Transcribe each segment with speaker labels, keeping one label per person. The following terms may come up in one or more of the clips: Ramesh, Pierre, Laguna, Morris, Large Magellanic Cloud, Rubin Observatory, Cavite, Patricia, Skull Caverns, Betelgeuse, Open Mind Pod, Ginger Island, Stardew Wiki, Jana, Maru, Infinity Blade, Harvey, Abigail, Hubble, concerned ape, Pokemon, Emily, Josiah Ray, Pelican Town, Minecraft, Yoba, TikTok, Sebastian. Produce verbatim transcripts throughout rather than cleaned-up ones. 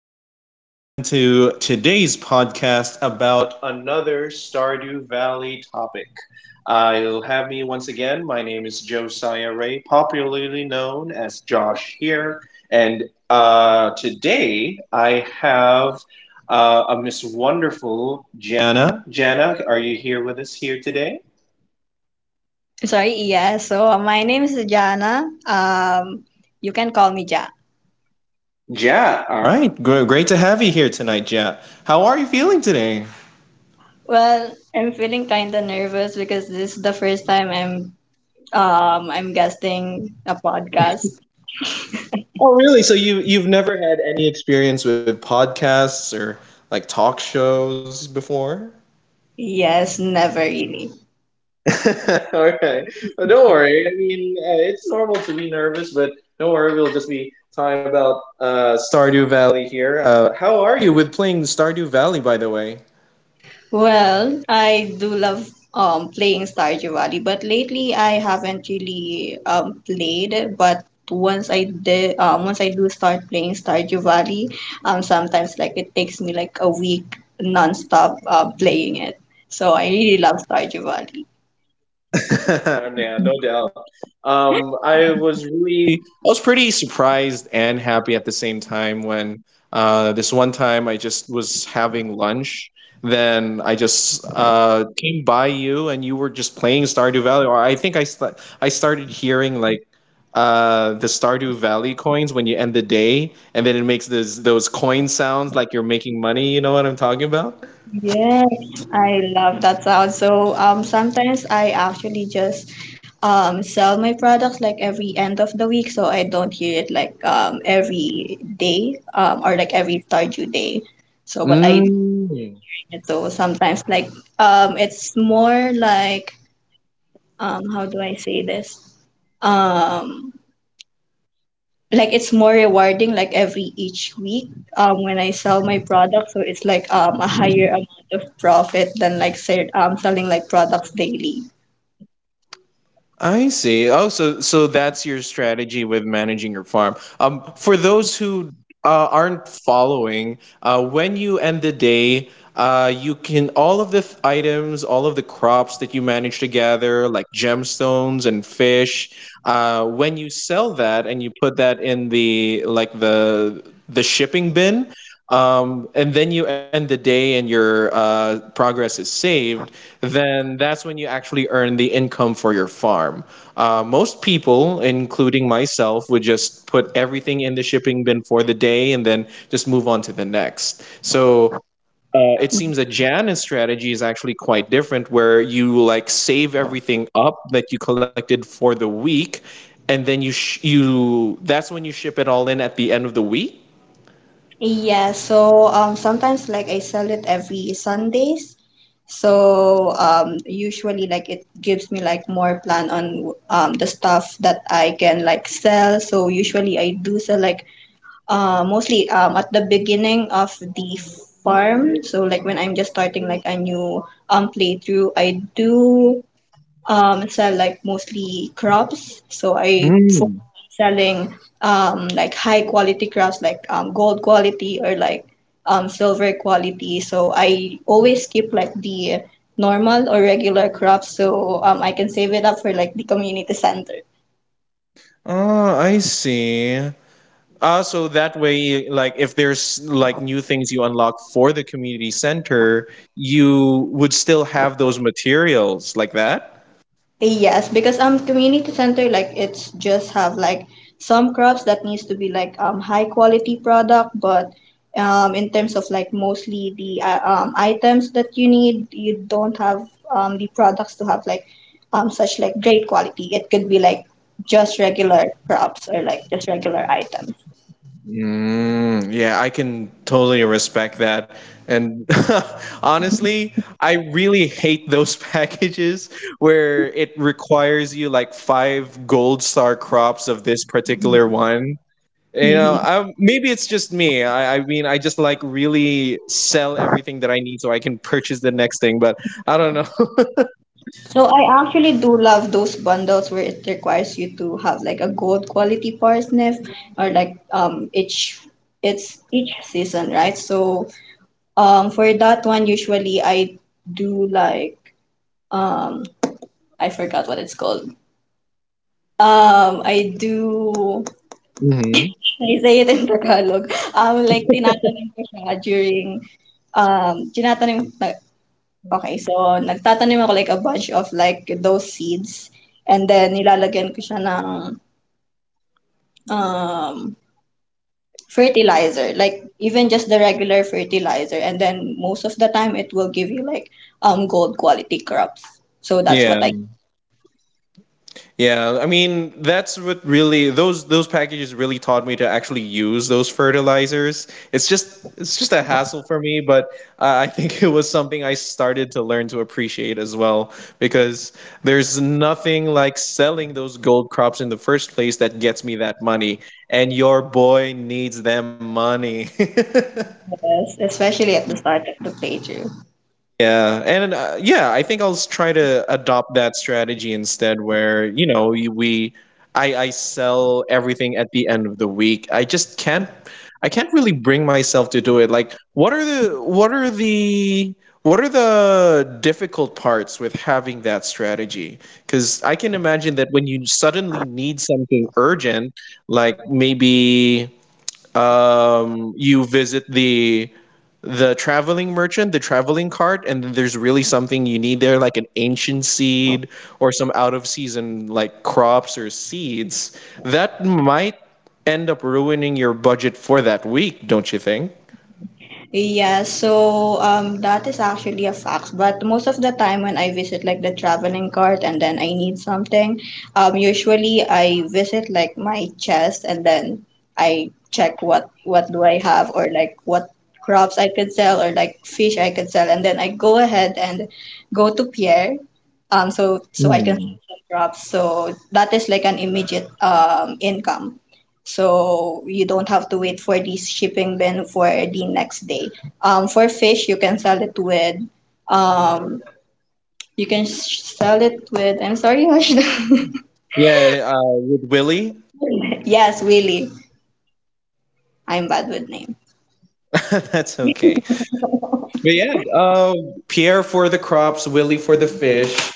Speaker 1: ladies and gentlemen, to today's podcast about another Stardew Valley topic. Uh, you'll have me once again. My name is Josiah Ray, popularly known as Josh here. And uh, Today I have uh, a Miss Wonderful Jana. Jana, are you here with us here today?
Speaker 2: Sorry, yeah. So uh, my name is Jana. Um, you can call me Ja.
Speaker 1: Yeah. All right. Gr- Great to have you here tonight, Ja. How are you feeling today?
Speaker 2: Well, I'm feeling kind of nervous because this is the first time I'm um I'm guesting a podcast.
Speaker 1: Oh, really? So you you've never had any experience with podcasts or like talk shows before?
Speaker 2: Yes, never really.
Speaker 1: Okay. Well, don't worry. I mean, uh, it's normal to be nervous, but don't worry. We'll just be talking about uh, Stardew Valley here. Uh, how are you with playing Stardew Valley, by the way?
Speaker 2: Well, I do love um playing Stardew Valley, but lately I haven't really um played it. But once I did, um, once I do start playing Stardew Valley, um, sometimes like it takes me like a week nonstop uh playing it. So I really love Stardew Valley.
Speaker 1: Yeah, no doubt. Um, I was really, I was pretty surprised and happy at the same time when uh, this one time I just was having lunch. Then I just uh, came by you, and you were just playing Stardew Valley. Or I think I st- I started hearing like uh, the Stardew Valley coins when you end the day, and then it makes those those coin sounds like you're making money. You know what I'm talking about?
Speaker 2: Yes, I love that sound. So um, sometimes I actually just um, sell my products like every end of the week, so I don't hear it like um, every day um, or like every Stardew day. So, but I bring
Speaker 1: Mm.
Speaker 2: it. So sometimes like um, it's more like, um, how do I say this? Um, like it's more rewarding like every each week um when I sell my product, so it's like um a higher amount of profit than like say um selling like products daily.
Speaker 1: I see. Oh, so so that's your strategy with managing your farm. Um, for those who uh, aren't following, uh, when you end the day, uh, you can all of the th- items, all of the crops that you manage to gather, like gemstones and fish. Uh, when you sell that and you put that in the like the the shipping bin, um, and then you end the day and your uh, progress is saved, then that's when you actually earn the income for your farm. Uh, most people, including myself, would just put everything in the shipping bin for the day and then just move on to the next. So uh, it seems that Jan's strategy is actually quite different, where you like save everything up that you collected for the week, and then you sh- you that's when you ship it all in at the end of the week.
Speaker 2: Yeah, so um sometimes like I sell it every Sundays. So um usually like it gives me like more plan on um the stuff that I can like sell. So usually I do sell like, uh, mostly, um, at the beginning of the farm. So like when I'm just starting like a new um playthrough, I do um sell like mostly crops. So I focus on selling um like high quality crops like um gold quality or like um silver quality. So I always keep like the normal or regular crops, so um I can save it up for like the community center.
Speaker 1: Oh, I see. Ah, so that way, like, if there's like new things you unlock for the community center, you would still have those materials like that.
Speaker 2: Yes, because um community center, like it's just have like some crops that needs to be like um high quality product, but um in terms of like mostly the uh, um items that you need, you don't have um the products to have like um such like great quality. It could be like just regular crops or like just regular items.
Speaker 1: Mm, yeah, I can totally respect that. And honestly, I really hate those packages where it requires you like five gold star crops of this particular one. You know,
Speaker 2: Hmm.
Speaker 1: I, maybe it's just me. I, I mean, I just like really sell everything that I need so I can purchase the next thing, but I don't know.
Speaker 2: So I actually do love those bundles where it requires you to have like a gold quality parsnip or like um each, it's each season, right? So um for that one, usually I do like um I forgot what it's called. Um I do
Speaker 1: Hmm.
Speaker 2: I say it in Tagalog. Um, like tinatanong ko siya during um tinatanong Okay, so nagtatanim ako like a bunch of like those seeds, and then nilalagyan ko siya ng, um, fertilizer, like even just the regular fertilizer, and then most of the time it will give you like, um, gold quality crops. So that's
Speaker 1: Yeah.
Speaker 2: what I—
Speaker 1: Yeah, I mean that's what really those those packages really taught me to actually use those fertilizers. It's just it's just a hassle for me, but I I think it was something I started to learn to appreciate as well because there's nothing like selling those gold crops in the first place that gets me that money, and your boy needs them money.
Speaker 2: Yes, especially at the start of the playthrough.
Speaker 1: Yeah, and uh, yeah, I think I'll s- try to adopt that strategy instead, where you know you- we, I I sell everything at the end of the week. I just can't, I can't really bring myself to do it. Like, what are the what are the what are the difficult parts with having that strategy? Because I can imagine that when you suddenly need something urgent, like maybe um, you visit the the traveling merchant, the traveling cart, and then there's really something you need there, like an ancient seed or some out of season like crops or seeds, that might end up ruining your budget for that week, don't you think?
Speaker 2: Yeah, so um, that is actually a fact. But most of the time when I visit like the traveling cart and then I need something, um, usually I visit like my chest, and then I check what what do I have or like what crops I could sell or like fish I could sell, and then I go ahead and go to Pierre, um, so so I can
Speaker 1: Hmm.
Speaker 2: sell some crops. So that is like an immediate um income, so you don't have to wait for the shipping bin for the next day. Um, for fish, you can sell it with, um, you can sh- sell it with. I'm sorry, Hush.
Speaker 1: Yeah, uh, with Willy,
Speaker 2: Yes, really, I'm bad with names.
Speaker 1: that's okay. But yeah, uh, Pierre for the crops, Willy for the fish.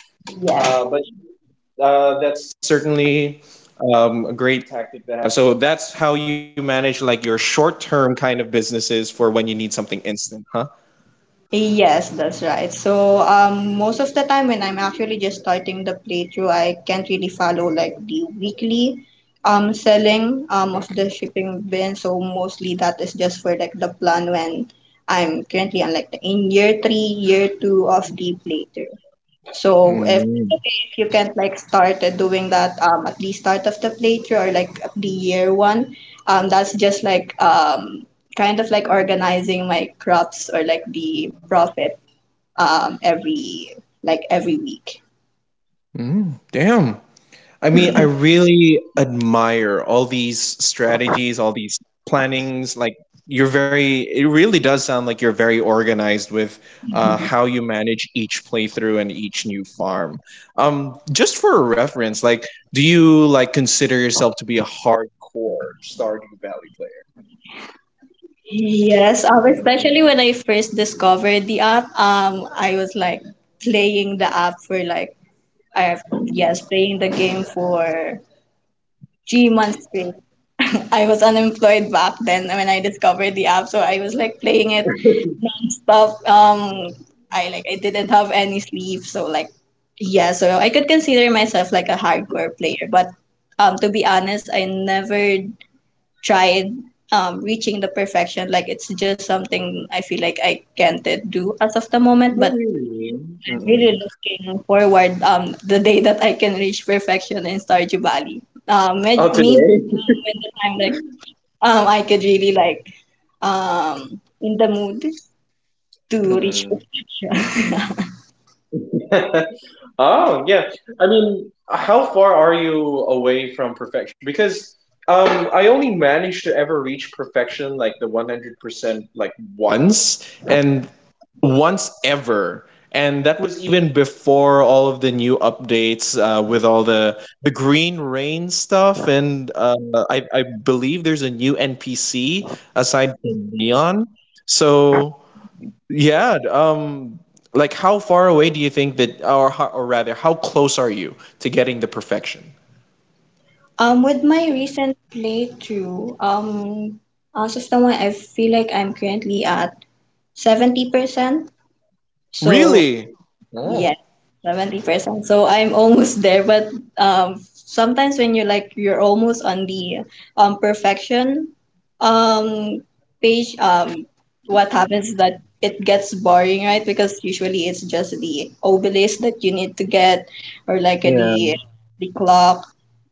Speaker 1: Uh, but Uh, that's certainly um, a great tactic to have. So that's how you manage like your short-term kind of businesses for when you need something instant, huh?
Speaker 2: Yes, that's right. So, um, most of the time when I'm actually just starting the playthrough, I can't really follow like the weekly um selling um of the shipping bin. So mostly that is just for like the plan when I'm currently on like the in year three, year two of the playthrough. So if
Speaker 1: Mm.
Speaker 2: if you can't like start at doing that um at the start of the playthrough or like at the year one, um that's just like um kind of like organizing my crops or like the profit um every like every week.
Speaker 1: Mm. Damn. I mean, I really admire all these strategies, all these plannings. Like you're very, it really does sound like you're very organized with uh, how you manage each playthrough and each new farm. Um, just for reference, like, do you like consider yourself to be a hardcore Stardew Valley player?
Speaker 2: Yes, um, especially when I first discovered the app, um, I was like playing the app for like— I have— yes, playing the game for— gee, months straight. I was unemployed back then when I discovered the app, so I was like playing it nonstop. Um, I like I didn't have any sleep, so like yeah, so I could consider myself like a hardcore player, but um, to be honest, I never tried um reaching the perfection. Like it's just something I feel like I can't do as of the moment,
Speaker 1: No,
Speaker 2: but
Speaker 1: really.
Speaker 2: I'm
Speaker 1: Mm-mm.
Speaker 2: really looking forward um the day that I can reach perfection in Stardew Valley. Um, may-
Speaker 1: Oh,
Speaker 2: maybe,
Speaker 1: today?
Speaker 2: um, when the time like um I could really like um in the mood to reach
Speaker 1: Mm-mm.
Speaker 2: perfection.
Speaker 1: Oh, yeah. I mean, how far are you away from perfection? Because um, I only managed to ever reach perfection like the one hundred percent like once and once ever. And that was even before all of the new updates uh, with all the the green rain stuff. And uh, I, I believe there's a new N P C aside from Neon. So yeah. Um, like, how far away do you think that, or, ho- or rather, how close are you to getting the perfection?
Speaker 2: Um, with my recent playthrough, um, as of now, I feel like I'm currently at seventy percent. So.
Speaker 1: Really?
Speaker 2: Yes,
Speaker 1: Oh.
Speaker 2: seventy percent. So I'm almost there, but um, sometimes when you're like you're almost on the um perfection um page, um what happens is that it gets boring, right? Because usually it's just the obelisk that you need to get, or like, uh, the
Speaker 1: Yeah.
Speaker 2: the clock.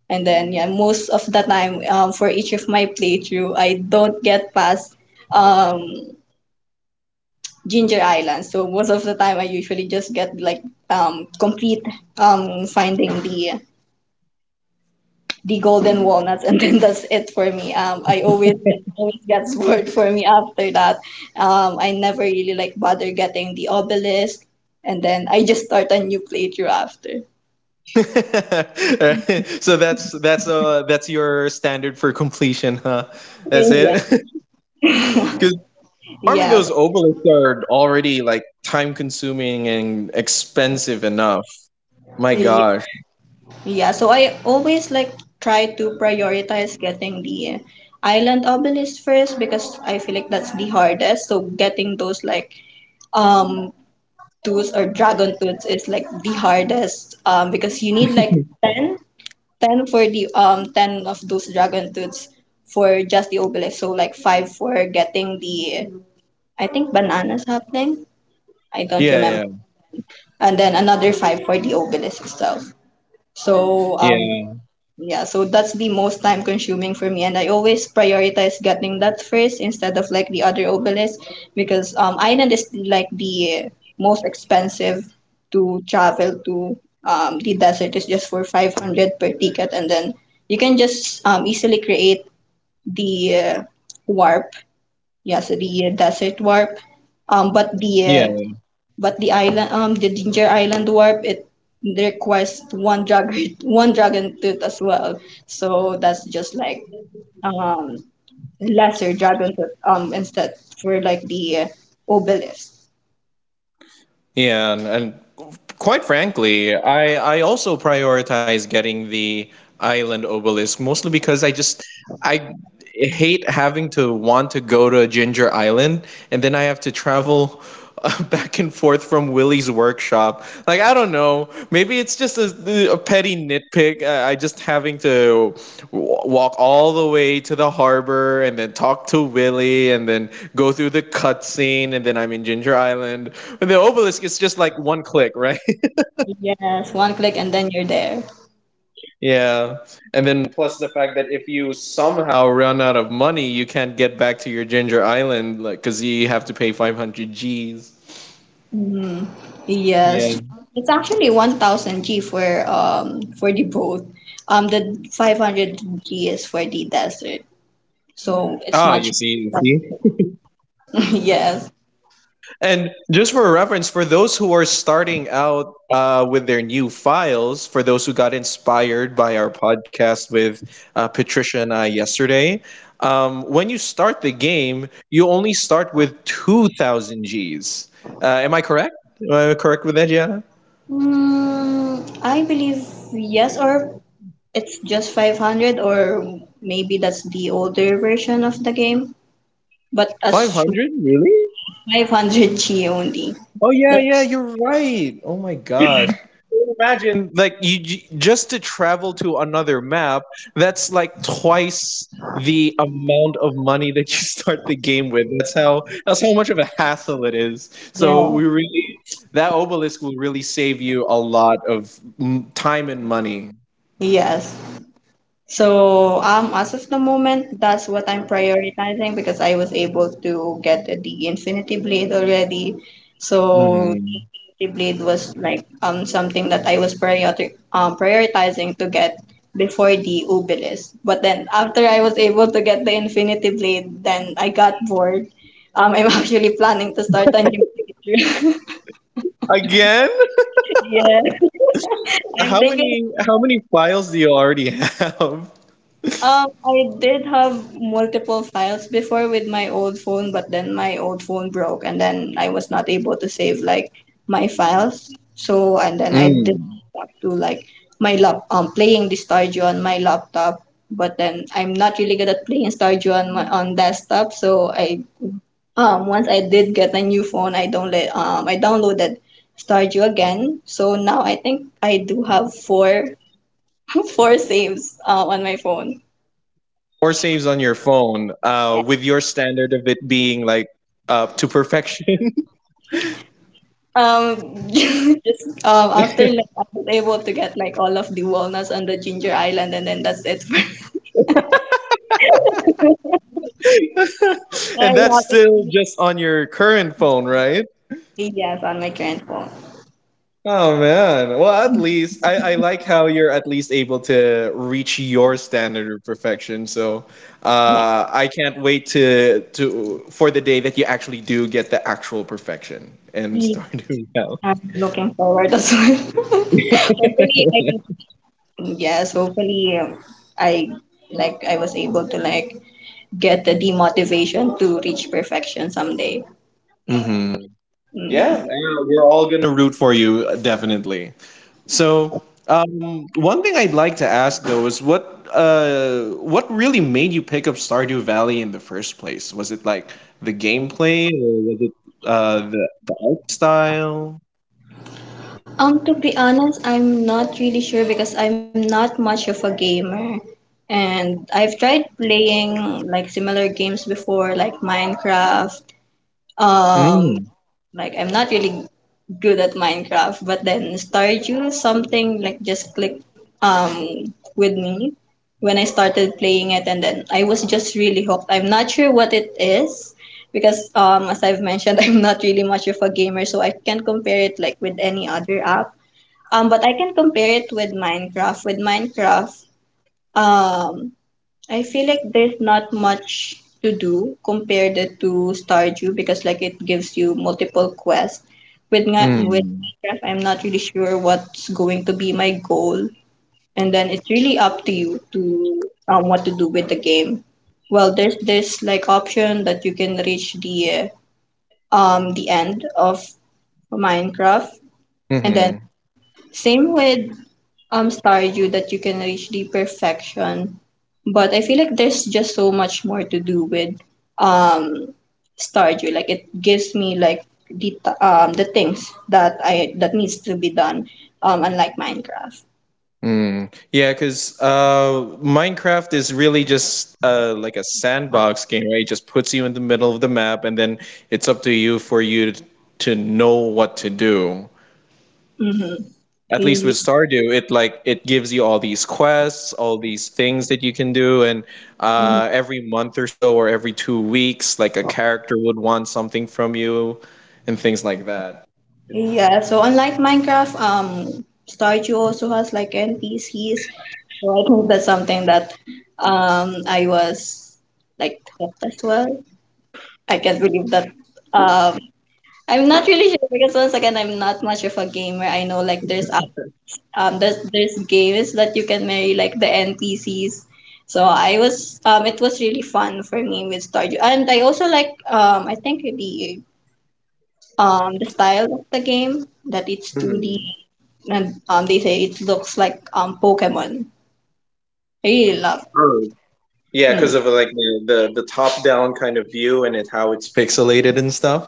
Speaker 2: And then yeah, most of the time um, for each of my playthrough, I don't get past um Ginger Island. So most of the time, I usually just get like, um, complete, um, finding the the golden walnuts, and then that's it for me. Um, I always it always gets bored for me after that. Um, I never really like bother getting the obelisk, and then I just start a new playthrough after.
Speaker 1: So that's that's uh that's your standard for completion, huh? That's
Speaker 2: Yeah.
Speaker 1: it. Because farming
Speaker 2: Yes.
Speaker 1: those obelisks are already like time consuming and expensive enough. My
Speaker 2: Yeah.
Speaker 1: gosh.
Speaker 2: Yeah. So I always like try to prioritize getting the island obelisk first, because I feel like that's the hardest. So getting those like um tools or dragon tools is like the hardest um because you need like ten, ten for the um ten of those dragon tools for just the obelisk, so like five for getting the— I think banana something. I don't
Speaker 1: Yeah.
Speaker 2: remember.
Speaker 1: Yeah.
Speaker 2: And then another five for the obelisk itself, so um
Speaker 1: Yeah.
Speaker 2: yeah, so that's the most time consuming for me, and I always prioritize getting that first instead of like the other obelisk, because um island is like the most expensive to travel to. Um, the desert is just for five hundred per ticket, and then you can just um easily create the, uh, warp. Yeah, so the, uh, desert warp. Um, but the uh,
Speaker 1: Yeah.
Speaker 2: but the island, um, the Ginger Island warp, it requires one dragon, one dragon tooth as well. So that's just like um lesser dragon tooth um instead for like the, uh, obelisk.
Speaker 1: Yeah, and, and quite frankly, I I also prioritize getting the island obelisk mostly because I just I hate having to want to go to Ginger Island and then I have to travel uh, back and forth from Willie's workshop. Like I don't know, maybe it's just a, a petty nitpick. I, I just having to w- walk all the way to the harbor and then talk to Willie and then go through the cutscene and then I'm in Ginger Island. And the obelisk is just like one click, right?
Speaker 2: Yes, one click and then you're there.
Speaker 1: Yeah. And then plus the fact that if you somehow run out of money, you can't get back to your Ginger Island like cuz you have to pay five hundred Gs.
Speaker 2: Mm,
Speaker 1: Yeah.
Speaker 2: yes, it's actually one thousand G for um for the boat. Um, the five hundred G is for the desert, so it's
Speaker 1: Ah, you
Speaker 2: much.
Speaker 1: see, you see.
Speaker 2: Yes.
Speaker 1: And just for reference, for those who are starting out uh, with their new files, for those who got inspired by our podcast with uh, Patricia and I yesterday, um, when you start the game, you only start with two thousand Gs. Uh, am I correct? Am I correct with that, Gianna?
Speaker 2: Mm, I believe yes, or it's just five hundred, or maybe that's the older version of the game, but as
Speaker 1: five hundred? Really?
Speaker 2: five hundred G only.
Speaker 1: Oh yeah,
Speaker 2: That's—
Speaker 1: yeah, you're right. Oh my gosh. Imagine like you j- just to travel to another map, that's like twice the amount of money that you start the game with. That's how that's how much of a hassle it is. So
Speaker 2: yeah.
Speaker 1: we really that obelisk will really save you a lot of mm, time and money.
Speaker 2: Yes. So um, as of the moment, that's what I'm prioritizing because I was able to get the Infinity Blade already. So the
Speaker 1: Mhm.
Speaker 2: Infinity Blade was like um something that I was priori- um, prioritizing to get before the Obelisk. But then after I was able to get the Infinity Blade, then I got bored. Um, I'm actually planning to start a new picture.
Speaker 1: Again?
Speaker 2: Yeah, I'm
Speaker 1: How
Speaker 2: thinking.
Speaker 1: many how many files do you already have?
Speaker 2: Um, I did have multiple files before with my old phone, but then my old phone broke, and then I was not able to save like my files. So, and then I did
Speaker 1: Mm.
Speaker 2: want to like my lap um playing the Stardew on my laptop, but then I'm not really good at playing Stardew on my on desktop. So I— um once I did get a new phone, I don't let— um I downloaded Stardew again. So now I think I do have four four saves, uh, on my phone.
Speaker 1: Or saves on your phone uh, with your standard of it being like up to perfection.
Speaker 2: Um, just um, after lunch, I was able to get like all of the walnuts on the ginger island, and then that's it. I
Speaker 1: And that's
Speaker 2: haven't
Speaker 1: still just on your current phone, right?
Speaker 2: seen— yes, on my current phone.
Speaker 1: Oh man, well at least I, I like how you're at least able to reach your standard of perfection, so
Speaker 2: Yeah,
Speaker 1: uh, I can't wait to to for the day that you actually do get the actual perfection and
Speaker 2: yeah,
Speaker 1: start doing well.
Speaker 2: I'm looking forward as well. Hopefully, I— yes, hopefully, um, I— like I was able to like get the demotivation to reach perfection someday.
Speaker 1: Hmm. Yeah, yeah, we're all gonna root for you, definitely. So, um, one thing I'd like to ask though is what uh, what really made you pick up Stardew Valley in the first place? Was it like the gameplay, or was it uh, the the art style?
Speaker 2: Um, to be honest, I'm not really sure because I'm not much of a gamer. And I've tried playing like similar games before, like Minecraft. Um,
Speaker 1: Mm,
Speaker 2: like I'm not really good at Minecraft, but then Stardew, something like just clicked um with me when I started playing it, and then I was just really hooked. I'm not sure what it is because um as I've mentioned, I'm not really much of a gamer, so I can't compare it like with any other app, um, but I can compare it with Minecraft. With Minecraft, um, I feel like there's not much to do compared it to Stardew because like it gives you multiple quests. With Mi- with
Speaker 1: mm,
Speaker 2: Minecraft, I'm not really sure what's going to be my goal, and then it's really up to you to um what to do with the game. Well, there's this like option that you can reach the uh, um the end of Minecraft, and then
Speaker 1: mm-hmm,
Speaker 2: same with um Stardew that you can reach the perfection, but I feel like there's just so much more to do with um Stardew. Like it gives me like the t- um the things that I that needs to be done. Um, unlike Minecraft.
Speaker 1: mm. Yeah, because uh, Minecraft is really just uh, like a sandbox game, right? It just puts you in the middle of the map, and then it's up to you for you to, to know what to do.
Speaker 2: Mm-hmm.
Speaker 1: At least
Speaker 2: Hey.
Speaker 1: with Stardew, it like it gives you all these quests, all these things that you can do, and uh, every month or so, or every two weeks, like a character would want something from you, and things like that.
Speaker 2: Yeah, so unlike Minecraft, um, Stardew also has like N P Cs. So I think that's something that um I was like hooked as well. I can't believe that. Um, I'm not really sure because once again, I'm not much of a gamer. I know like there's app- um there's there's games that you can marry like the N P Cs. So I was um it was really fun for me with Stardew, and I also like um I think the um the style of the game that it's two D,
Speaker 1: Mhm.
Speaker 2: and um they say it looks like um Pokemon. I really love.
Speaker 1: Oh. Yeah,
Speaker 2: Mm.
Speaker 1: because of like the, the the top down kind of view and it how it's pixelated and stuff.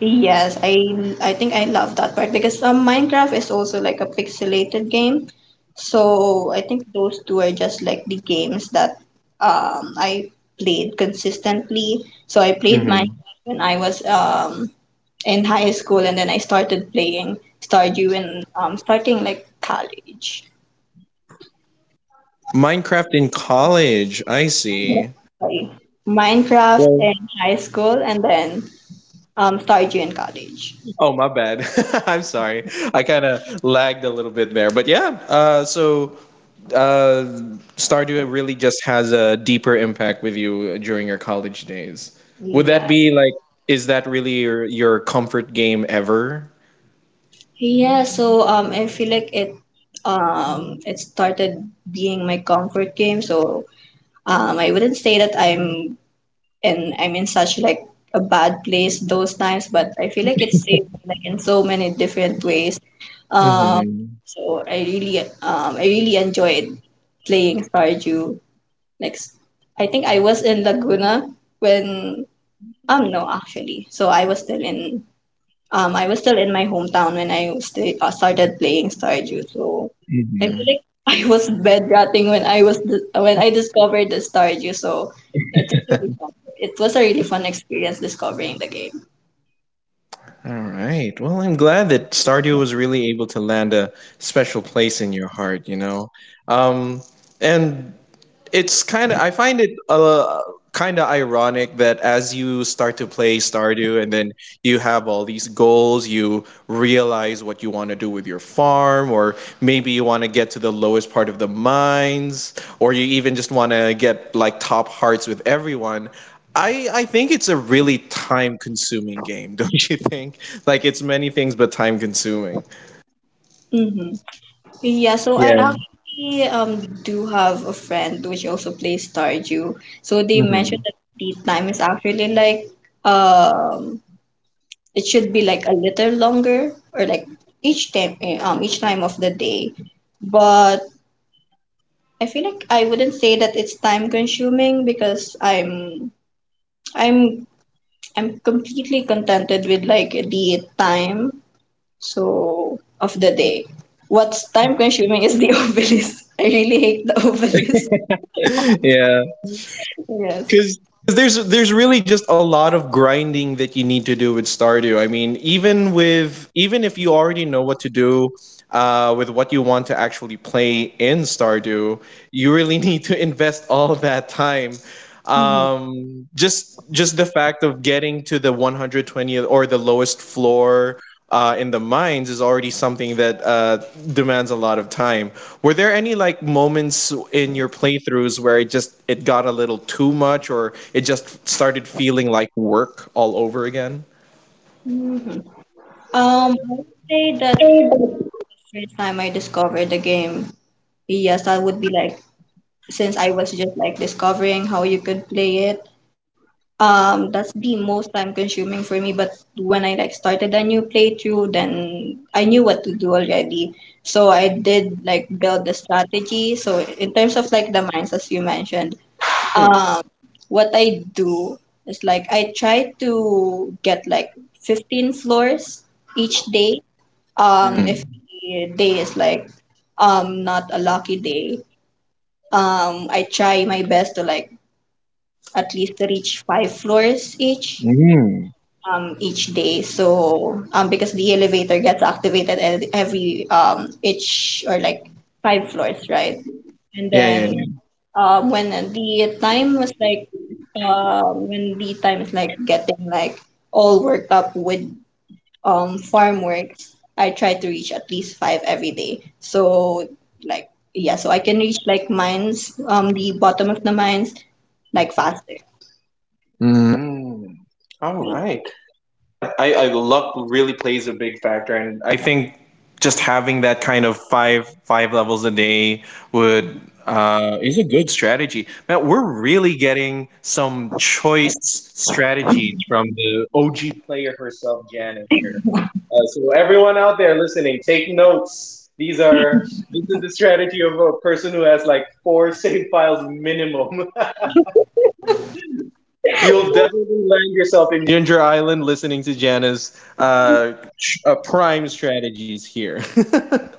Speaker 2: Yes, I I think I love that part because um, Minecraft is also like a pixelated game. So I think those two are just like the games that um I played consistently. So I played
Speaker 1: Hmm.
Speaker 2: Minecraft when I was um in high school, and then I started playing Stardew in um starting like college.
Speaker 1: Minecraft in college, I see.
Speaker 2: Sorry. Minecraft
Speaker 1: Well,
Speaker 2: in high school, and then um Stardew in college.
Speaker 1: oh my bad. I'm sorry. I kind of lagged a little bit there, but yeah. Uh, so uh, Stardew really just has a deeper impact with you during your college days. Would that
Speaker 2: Yeah.
Speaker 1: be like, is that really your, your comfort game ever?
Speaker 2: Yeah, so um, I feel like it um it started being my comfort game. So um, I wouldn't say that I'm in I'm in such like a bad place those times, but I feel like it's saved me, like in so many different ways. Um,
Speaker 1: Mhm.
Speaker 2: so I really um I really enjoyed playing Stardew. Like s- I think I was in Laguna when um no, actually, so I was still in um I was still in my hometown when I was sta uh, started playing Stardew, so I feel
Speaker 1: Mhm.
Speaker 2: like I was bedrotting when I was dis- when I discovered the Stardew. So it was really fun. It was a really fun experience discovering the game.
Speaker 1: All right. Well, I'm glad that Stardew was really able to land a special place in your heart, you know. Um, and it's kind of I find it uh, kind of ironic that as you start to play Stardew and then you have all these goals, you realize what you want to do with your farm, or maybe you want to get to the lowest part of the mines or you even just want to get like top hearts with everyone. I, I think it's a really time consuming game, don't you think? Like, it's many things, but time consuming.
Speaker 2: Mm-hmm. Yeah, so I
Speaker 1: Yeah.
Speaker 2: actually um do have a friend which also plays Stardew. So they mentioned
Speaker 1: Hmm.
Speaker 2: that the time is actually like um it should be like a little longer, or like each time eh, um each time of the day. But I feel like I wouldn't say that it's time consuming because I'm I'm I'm completely contented with like the time so of the day. What's time consuming is the obelisk. I really hate the obelisk.
Speaker 1: Yeah.
Speaker 2: Yes.
Speaker 1: Because there's there's really just a lot of grinding that you need to do with Stardew. I mean, even with even if you already know what to do uh, with what you want to actually play in Stardew, you really need to invest all that time. Um, just just the fact of getting to the one hundred twentieth or the lowest floor uh, in the mines is already something that uh, demands a lot of time. Were there any like moments in your playthroughs where it just it got a little too much or it just started feeling like work all over again?
Speaker 2: hmm Um, I would say that the first time I discovered the game, yes, I would be like since I was just like discovering how you could play it. Um, that's the most time consuming for me, but when I like started a new playthrough, then I knew what to do already. So I did like build the strategy. So in terms of like the mines, as you mentioned, um, what I do is like I try to get like fifteen floors each day. Um, if
Speaker 1: Mm.
Speaker 2: the day is like um not a lucky day, um, I try my best to like at least reach five floors each
Speaker 1: Mm.
Speaker 2: um, each day. So um, because the elevator gets activated at every um, each, or like five floors, right? And
Speaker 1: Yeah, yeah,
Speaker 2: then
Speaker 1: yeah.
Speaker 2: um, when the time was like um, when the time is like getting like all worked up with um, farm works, I try to reach at least five every day. So like yeah, so I can reach like mines, um, the bottom of the mines like faster.
Speaker 1: Mm. Mm. All right. I, I luck really plays a big factor, and I think just having that kind of five five levels a day would uh, is a good strategy. Man, we're really getting some choice strategies from the O G player herself, Janet here. Uh, so everyone out there listening, take notes. These are this is the strategy of a person who has like four save files minimum. You'll definitely land yourself in Ginger Island listening to Jana's uh, tr- uh, prime strategies here.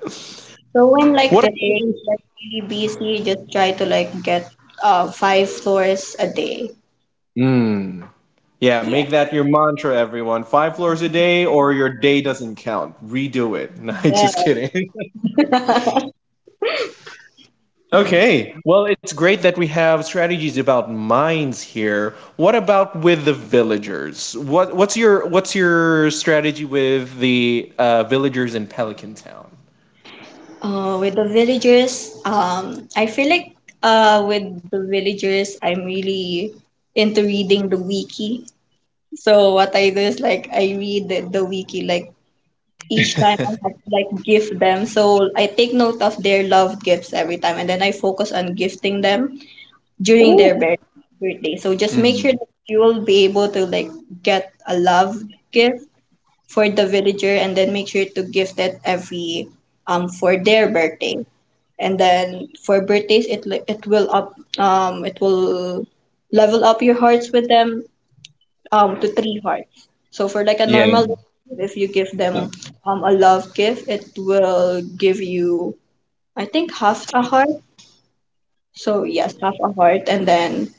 Speaker 2: So when
Speaker 1: What
Speaker 2: like
Speaker 1: about?
Speaker 2: the day that really busy, just try to like get uh five floors a day.
Speaker 1: Mm. Yeah,
Speaker 2: Yeah.
Speaker 1: make that your mantra, everyone. Five floors a day, or your day doesn't count. Redo it. No,
Speaker 2: Yeah.
Speaker 1: just kidding. Okay. Well, it's great that we have strategies about mines here. What about with the villagers? What What's your What's your strategy with the uh, villagers in Pelican Town?
Speaker 2: Uh, with the villagers, um, I feel like uh with the villagers, I'm really into reading the wiki. So what I do is like I read the, the wiki like each time I have to like gift them. So I take note of their love gifts every time, and then I focus on gifting them during their bir- birthday. So just make sure
Speaker 1: Mhm.
Speaker 2: that you will be able to like get a love gift for the villager, and then make sure to gift it every um for their birthday. And then for birthdays, it li- it will up um it will level up your hearts with them um to three hearts. So for like a
Speaker 1: Yeah.
Speaker 2: normal, if you give them um a love gift, it will give you I think half a heart. So yes, half a heart, and then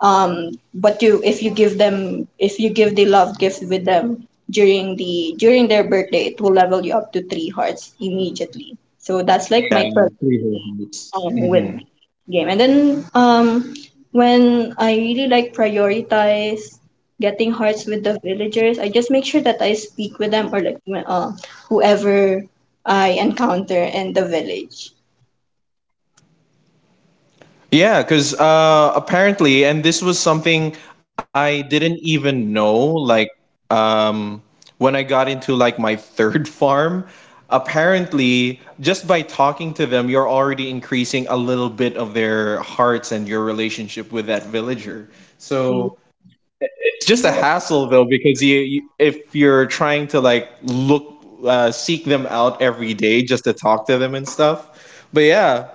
Speaker 2: um, but you, if you give them, if you give the love gift with them during the during their birthday, it will level you up to three hearts immediately. So that's like my
Speaker 1: Yeah,
Speaker 2: perk
Speaker 1: three whole nights.
Speaker 2: um, with
Speaker 1: Mm-hmm.
Speaker 2: the game. And then um, when I really like prioritize getting hearts with the villagers, I just make sure that I speak with them, or like wh- uh, whoever I encounter in the village.
Speaker 1: Yeah, because uh, apparently, and this was something I didn't even know. Like, um, when I got into like my third farm, apparently, just by talking to them, you're already increasing a little bit of their hearts and your relationship with that villager. So it's just a hassle though, because you, you if you're trying to like look, uh, seek them out every day just to talk to them and stuff. But yeah,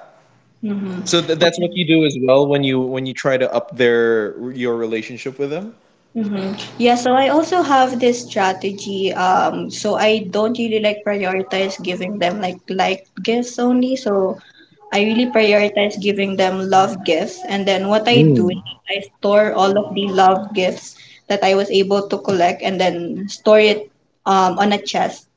Speaker 1: so
Speaker 2: Mm-hmm.
Speaker 1: th- that's what you do as well when you when you try to up their your relationship with them.
Speaker 2: Mm-hmm. Yeah, so I also have this strategy. Um, so I don't really like prioritize giving them like like gifts only. So I really prioritize giving them love gifts. And then what I do is
Speaker 1: Mm.
Speaker 2: I store all of the love gifts that I was able to collect and then store it um, on a chest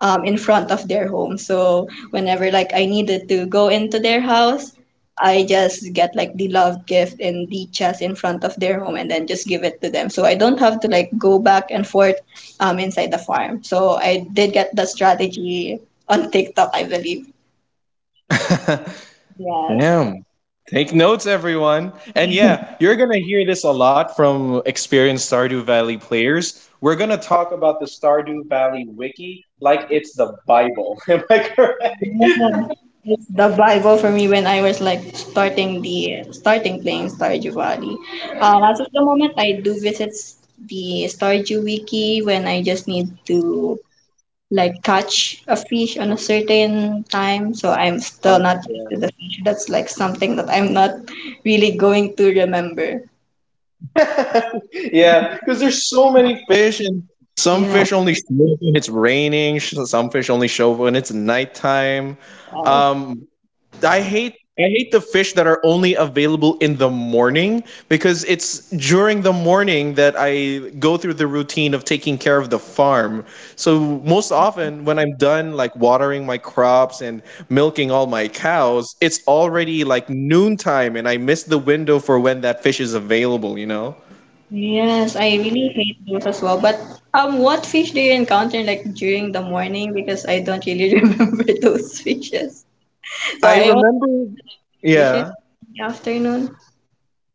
Speaker 2: um, in front of their home. So whenever like I needed to go into their house, I just get like the love gift and the chest in front of their home and then just give it to them. So I don't have to like go back and forth um inside the farm. So I did get the strategy on TikTok, I believe. Yes.
Speaker 1: Damn. Take notes, everyone. And yeah, you're going to hear this a lot from experienced Stardew Valley players. We're going to talk about the Stardew Valley wiki like it's the Bible. Am I
Speaker 2: Yeah.
Speaker 1: correct?
Speaker 2: It's the Bible for me when I was like starting the starting playing Stardew Valley. Um, as of the moment, I do visit the Stardew Wiki when I just need to like catch a fish on a certain time, so I'm still
Speaker 1: Um,
Speaker 2: not used to the fish. That's like something that I'm not really going to remember.
Speaker 1: yeah. Yeah, because there's so many fish, and some
Speaker 2: Yeah.
Speaker 1: fish only show up when it's raining. sh- Some fish only show up when it's nighttime.
Speaker 2: Oh.
Speaker 1: Um, I hate I hate the fish that are only available in the morning because it's during the morning that I go through the routine of taking care of the farm. So most often when I'm done like watering my crops and milking all my cows, it's already like noontime and I miss the window for when that fish is available, you know?
Speaker 2: Yes, I really hate those as well. But um, what fish do you encounter like during the morning? Because I don't really remember those fishes. So
Speaker 1: I
Speaker 2: I only
Speaker 1: remember
Speaker 2: fishes
Speaker 1: yeah.
Speaker 2: in the afternoon.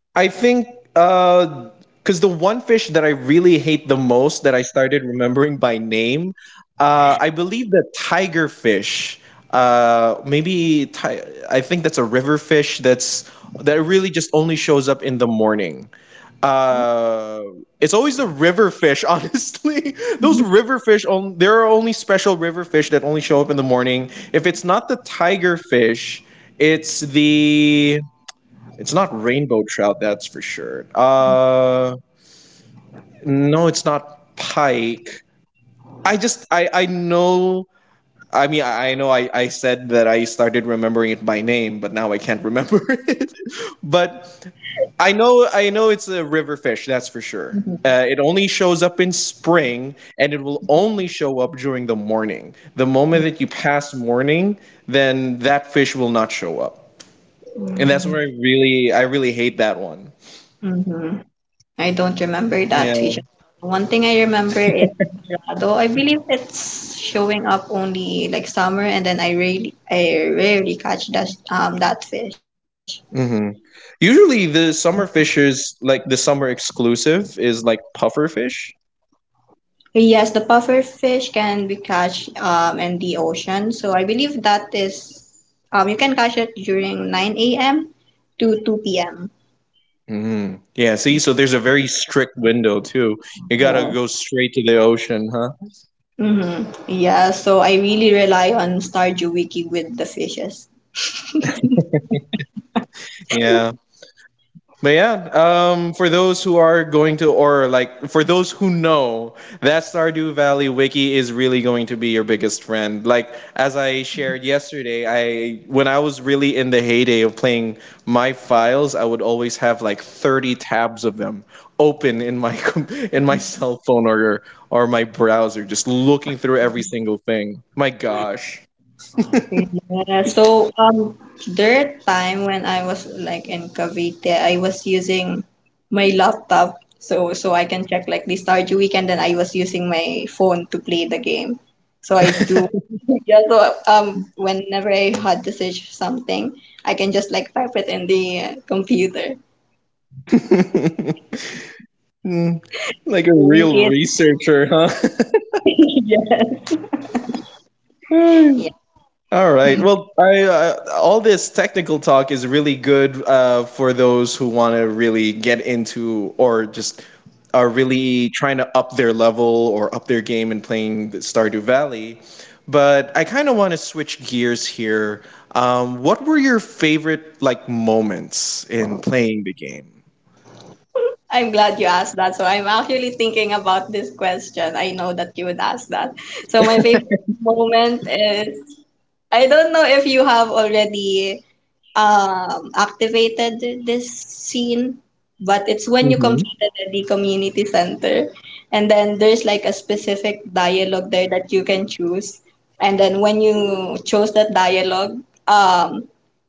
Speaker 1: I think uh, because the one fish that I really hate the most that I started remembering by name, uh, I believe the tiger fish. Uh, maybe ti- I think that's a river fish that's that really just only shows up in the morning. Uh, it's always the river fish, honestly. Those river fish, on- there are only special river fish that only show up in the morning. If it's not the tiger fish, it's the it's not rainbow trout, that's for sure. Uh, no, it's not pike. I just I I know. I mean, I I know I, I said that I started remembering it by name, but now I can't remember it. But I know I know it's a river fish, that's for sure. Uh, it only shows up in spring, and it will only show up during the morning. The moment that you pass morning, then that fish will not show up, and that's where I really I really hate that one.
Speaker 2: Mm-hmm. I don't remember that vision. One thing I remember is Colorado. I believe it's showing up only like summer, and then I rarely, I rarely catch that um that fish.
Speaker 1: Hmm. Usually the summer fishers, like the summer exclusive, is like puffer fish.
Speaker 2: Yes, the puffer fish can be catch um in the ocean. So I believe that is um you can catch it during nine a m to two p m.
Speaker 1: Mm. Yeah, see, so there's a very strict window too. You gotta
Speaker 2: Yes.
Speaker 1: go straight to the ocean, huh?
Speaker 2: Mm-hmm. Yeah, so I really rely on Stardew Wiki with the fishes.
Speaker 1: Yeah. But yeah, um, for those who are going to, or like for those who know, that Stardew Valley wiki is really going to be your biggest friend. Like as I shared yesterday, I when I was really in the heyday of playing my files, I would always have like thirty tabs of them open in my com- in my cell phone or or my browser, just looking through every single thing. My gosh.
Speaker 2: Yeah, so um, there time when I was like in Cavite, I was using my laptop so so I can check like the Stardew Weekend, and I was using my phone to play the game. So I do yeah. So um, whenever I had to search something, I can just like type it in the uh, computer.
Speaker 1: Hmm,
Speaker 2: So
Speaker 1: like a
Speaker 2: we get
Speaker 1: real researcher, huh?
Speaker 2: yeah.
Speaker 1: All right. Well, I, uh, all this technical talk is really good uh, for those who want to really get into or just are really trying to up their level or up their game in playing the Stardew Valley. But I kind of want to switch gears here. Um, what were your favorite like moments in playing the game?
Speaker 2: I'm glad you asked that. So I'm actually thinking about this question. I know that you would ask that. So my favorite moment is, I don't know if you have already um, activated this scene, but it's when you
Speaker 1: Hmm.
Speaker 2: completed the community center, and then there's like a specific dialogue there that you can choose. And then when you chose that dialogue, um,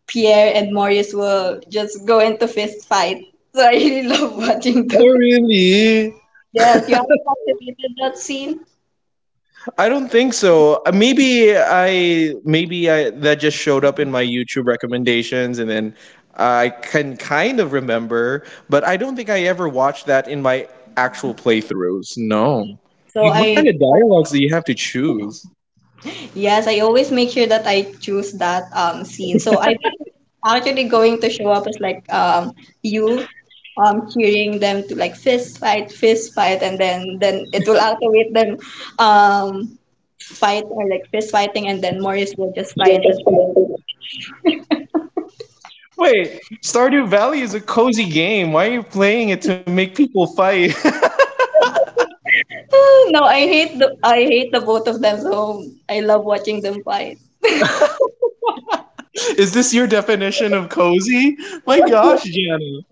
Speaker 2: Pierre and Maurice will just go into fist fight. So I really love watching
Speaker 1: Oh,
Speaker 2: too.
Speaker 1: really?
Speaker 2: Yes, you haven't activated that scene,
Speaker 1: I don't think so. Uh, Maybe I maybe I that just showed up in my YouTube recommendations and then I can kind of remember, but I don't think I ever watched that in my actual playthroughs. No.
Speaker 2: so
Speaker 1: What
Speaker 2: I
Speaker 1: kind of dialogues do you have to choose?
Speaker 2: Yes, I always make sure that I choose that um scene. So I think actually going to show up is like um you um cheering them to like fist fight, fist fight, and then then it will activate them um fight or like fist fighting, and then Morris will just fly into the
Speaker 1: Wait, Stardew Valley is a cozy game. Why are you playing it to make people fight?
Speaker 2: No, I hate the I hate the both of them. So I love watching them fight.
Speaker 1: Is this your definition of cozy? My gosh, Jana.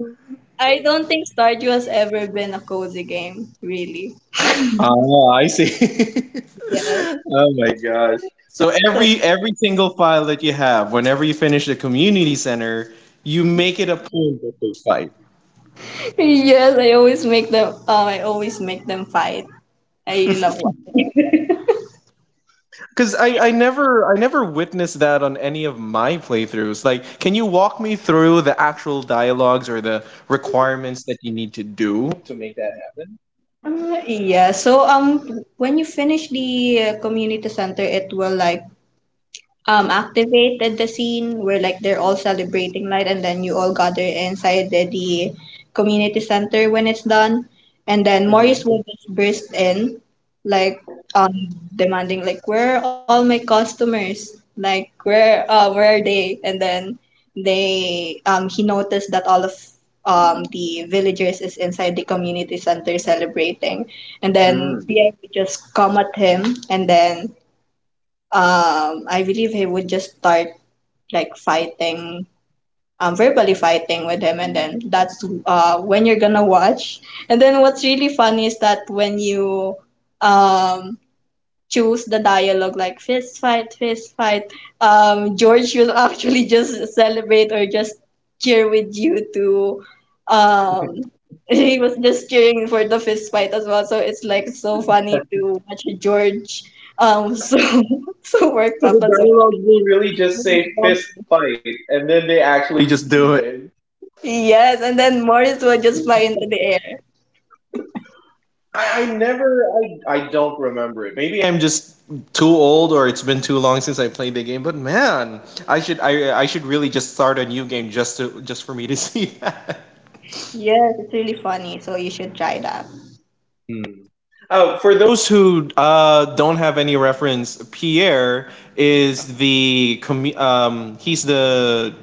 Speaker 2: I don't think Stardew has ever been a cozy game, really.
Speaker 1: Oh, I see.
Speaker 2: Yes.
Speaker 1: Oh my gosh. So
Speaker 2: So
Speaker 1: every every single file that you have, whenever you finish the community center, you make it a point that they fight.
Speaker 2: Yes, I always make them. Um, I always make them fight. I really love watching.
Speaker 1: Because I, I never I never witnessed that on any of my playthroughs. Like, can you walk me through the actual dialogues or the requirements that you need to do to make that happen?
Speaker 2: Uh, yeah. So um, when you finish the uh, community center, it will like um activated the scene where like they're all celebrating light, and then you all gather inside the, the community center when it's done, and then
Speaker 1: Hmm.
Speaker 2: Maurice will just burst in like um demanding like where are all my customers, like where uh where are they, and then they um he noticed that all of um the villagers is inside the community center celebrating, and
Speaker 1: So
Speaker 2: then Pierre would just come at him, and then um, I believe he would just start like fighting, um, verbally fighting with him, and then that's uh when you're gonna watch. And then what's really funny is that when you um choose the dialogue like fist fight, fist fight, um, George will actually just celebrate or just cheer with you to um he was just cheering for the fist fight as well. So it's like so funny to watch George um so so worked up
Speaker 1: the
Speaker 2: as
Speaker 1: dialogue will really just say
Speaker 2: well.
Speaker 1: fist fight, and then they actually just do it.
Speaker 2: Yes, and then Morris will just fly into the air.
Speaker 1: I, I never, I, I don't remember it. Maybe I'm just too old, or it's been too long since I played the game. But man, I should, I, I should really just start a new game just to, just for me to see that.
Speaker 2: Yes, it's really funny, so you should try that.
Speaker 1: Hmm. Uh, for those who uh, don't have any reference, Pierre is the commu- um, he's the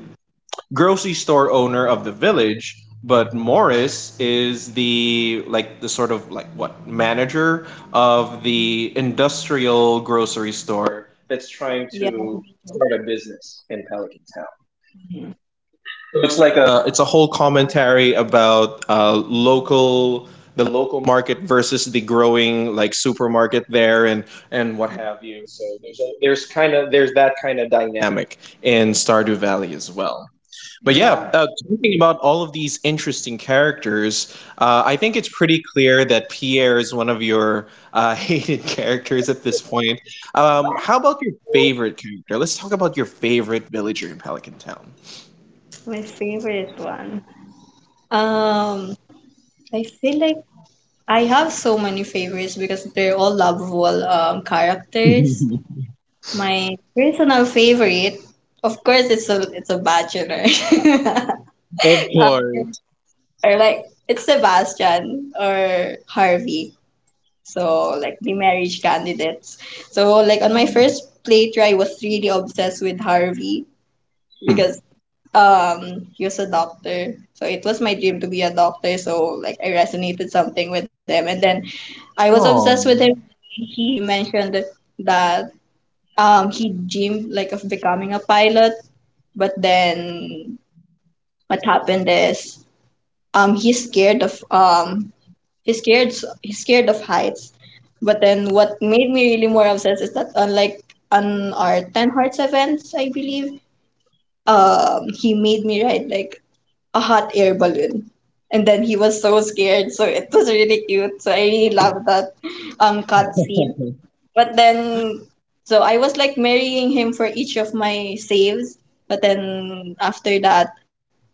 Speaker 1: grocery store owner of the village, but Morris is the like the sort of like what manager of the industrial grocery store that's
Speaker 2: Yeah,
Speaker 1: trying to start a business in Pelican Town. It's like a it's a whole commentary about uh, local the local market versus the growing like supermarket there and and what have you. So there's a, there's kind of there's that kind of dynamic in Stardew Valley as well. But yeah,
Speaker 2: yeah.
Speaker 1: uh, talking about all of these interesting characters, uh, I think it's pretty clear that Pierre is one of your uh, hated characters at this point. Um, how about your favorite character? Let's talk about your favorite villager in Pelican Town.
Speaker 2: My favorite one. Um, I feel like I have so many favorites because they're all lovable um, characters. My personal favorite, of course, it's a it's a bachelor,
Speaker 1: Of
Speaker 2: um,
Speaker 1: course.
Speaker 2: or like it's Sebastian or Harvey. So like the marriage candidates. So like on my first playthrough, I was really obsessed with Harvey
Speaker 1: Hmm.
Speaker 2: because um he was a doctor, so it was my dream to be a doctor, so like I resonated something with him, and then I was obsessed
Speaker 1: Oh,
Speaker 2: with him. He mentioned that um he dreamed like of becoming a pilot, but then what happened is um he's scared of um he's scared he's scared of heights. But then what made me really more obsessed is that unlike on our ten hearts events, I believe, um he made me write like a hot air balloon. And then he was so scared, so it was really cute. So I really love that um cutscene. But then, so I was like marrying him for each of my saves. But then after that,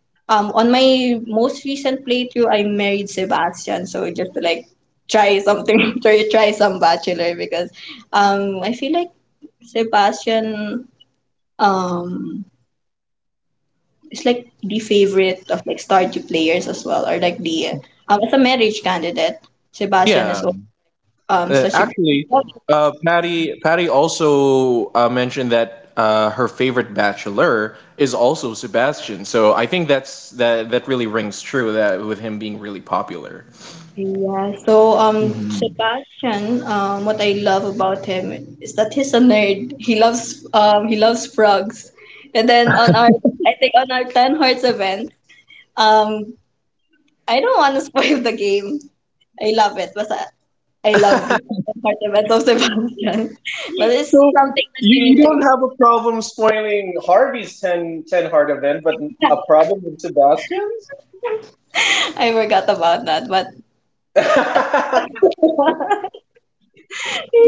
Speaker 2: um, on my most recent playthrough, I married Sebastian. So just to like try something, try try some bachelor because um I feel like Sebastian um it's like the favorite of like Stardew players as well, or like the um as a marriage candidate, Sebastian is
Speaker 1: yeah.
Speaker 2: al- um
Speaker 1: Uh,
Speaker 2: such a
Speaker 1: actually, uh, Patty Patty also uh, mentioned that uh, her favorite bachelor is also Sebastian. So I think that's that that really rings true that with him being really popular.
Speaker 2: yeah. So um Sebastian, um what I love about him is that he's a nerd. He loves um he loves frogs, and then on our I think on our ten hearts event, um I don't want to spoil the game. I love it. Basta, I I love the part of of Sebastian. But it's
Speaker 1: So
Speaker 2: something that
Speaker 1: you,
Speaker 2: you need
Speaker 1: you
Speaker 2: to
Speaker 1: don't have a problem spoiling Harvey's ten ten heart event, but a problem with Sebastian's?
Speaker 2: I forgot about that, but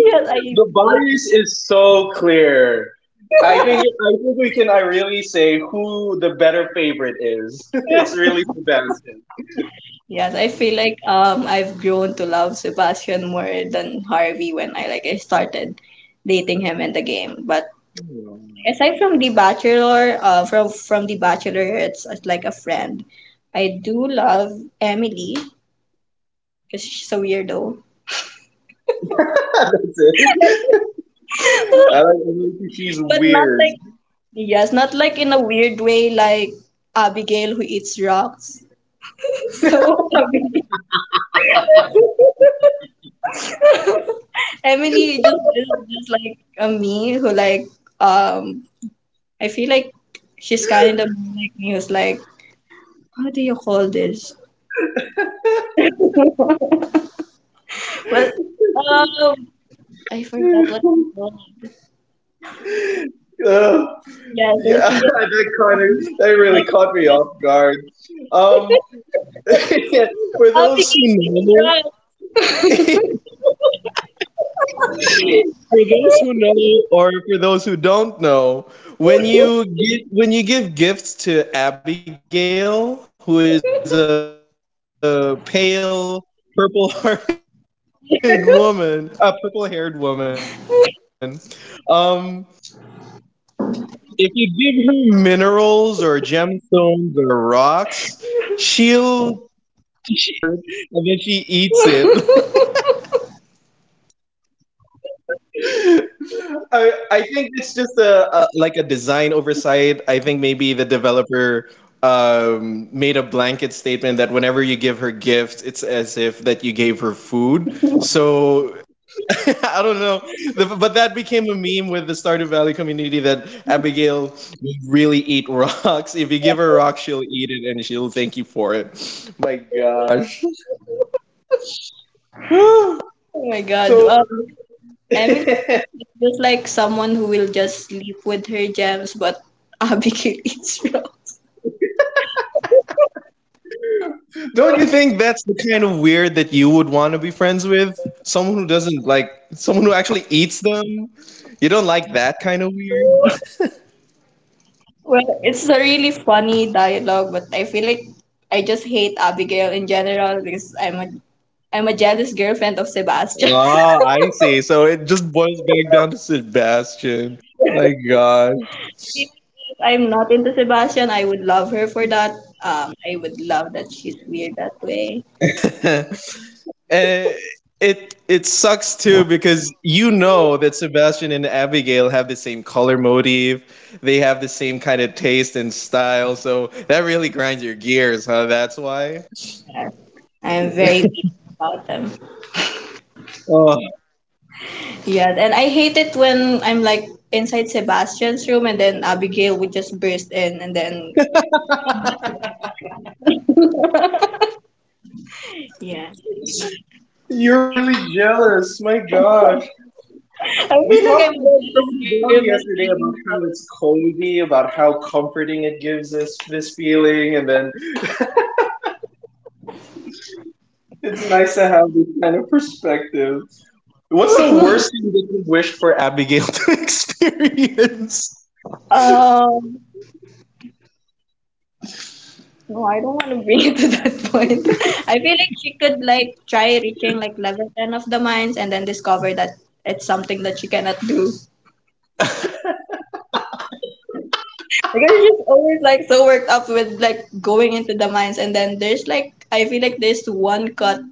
Speaker 2: yes, I
Speaker 1: The bias is so clear. I think I think we can I really say who the better favorite is. It's really Sebastian.
Speaker 2: yes, I feel like um I've grown to love Sebastian more than Harvey when I like I started dating him in the game. But aside from The Bachelor, uh, from from The Bachelor, it's, it's like a friend. I do love Emily because she's a weirdo,
Speaker 1: I like
Speaker 2: but
Speaker 1: I think she's
Speaker 2: not like
Speaker 1: weird.
Speaker 2: yes, not like in a weird way like Abigail who eats rocks. So Emily. Emily just is just like a me who like um I feel like she's kind of like me who's like how do you call this? Well, um I forgot what it's called.
Speaker 1: Uh,
Speaker 2: Yeah, so
Speaker 1: yeah,
Speaker 2: she just
Speaker 1: that kind
Speaker 2: um
Speaker 1: of that really
Speaker 2: like
Speaker 1: caught me
Speaker 2: just
Speaker 1: off guard. Um, for
Speaker 2: oh,
Speaker 1: those
Speaker 2: we
Speaker 1: who
Speaker 2: wrong.
Speaker 1: know, for those who know or for those who don't know when you gi- when you give gifts to Abigail, who is a pale purple-hearted woman, a purple-haired woman, um, if you give her minerals or gemstones or rocks, she'll she, she says that it's tasty or something that's like it's her favorite, and then she eats it. I, I think it's just a, a like a design oversight. I think maybe the developer um, made a blanket statement that whenever you give her gifts, it's as if that you gave her food. So I don't know. The- but that became a meme with the Stardew Valley community that Abigail would really eat rocks. If you give her a rock, she'll eat it and she'll thank you for it. My gosh.
Speaker 2: Oh my god.
Speaker 1: So,
Speaker 2: Um, Emily is just like someone who will just sleep with her gems, but Abigail is wrong.
Speaker 1: don't you think that's the kind of weird that you would want to be friends with? Someone who doesn't like, someone who actually eats them? You don't like that kind of weird?
Speaker 2: Well, it's a really funny dialogue, but I feel like I just hate Abigail in general because I'm a I'm a jealous girlfriend of Sebastian.
Speaker 1: Ah, I see. So it just boils back down to Sebastian. My God.
Speaker 2: If I'm not into Sebastian, I would love her for that. Um, I would love that she's
Speaker 1: And it it sucks too because you know that Sebastian and Abigail have the same color motive. They have the same kind of taste and style. So that really grinds your gears, huh? That's why.
Speaker 2: I'm very mean about them. Yeah, and I hate it when I'm like inside Sebastian's room and then Abigail would just burst in and then yeah.
Speaker 1: You're really jealous. My gosh.
Speaker 2: I
Speaker 1: We
Speaker 2: feel like
Speaker 1: talked
Speaker 2: I'm a
Speaker 1: about comfortability
Speaker 2: jealous
Speaker 1: yesterday about
Speaker 2: girlfriend.
Speaker 1: how it's cozy, about how comforting it gives us this feeling, and then it's nice to have this kind of perspective. What's the worst thing that you wished for Abigail to experience?
Speaker 2: Um, No, I don't want to bring it to that point. I feel like she could like try reaching level ten of the mines and then discover that it's something that she cannot do. Because she's always like so worked up with like going into the mines and then there's like I feel like there's one cut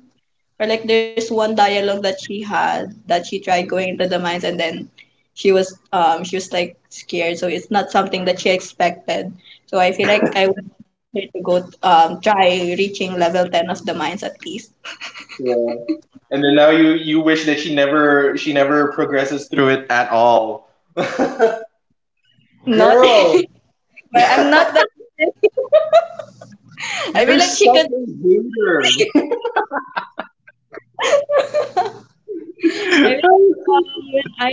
Speaker 2: or like there's one dialogue that she had that she tried going into the mines and then she was um she was like scared, so it's not something that she expected. So I feel like I want her to go um try reaching level ten of the mines at least.
Speaker 1: Yeah. And then now you you wish that she never she never progresses through it at all.
Speaker 2: Not,
Speaker 1: Girl,
Speaker 2: but I'm not that. I feel
Speaker 1: you're
Speaker 2: like
Speaker 1: such
Speaker 2: she could.
Speaker 1: a hater.
Speaker 2: I feel like um, when I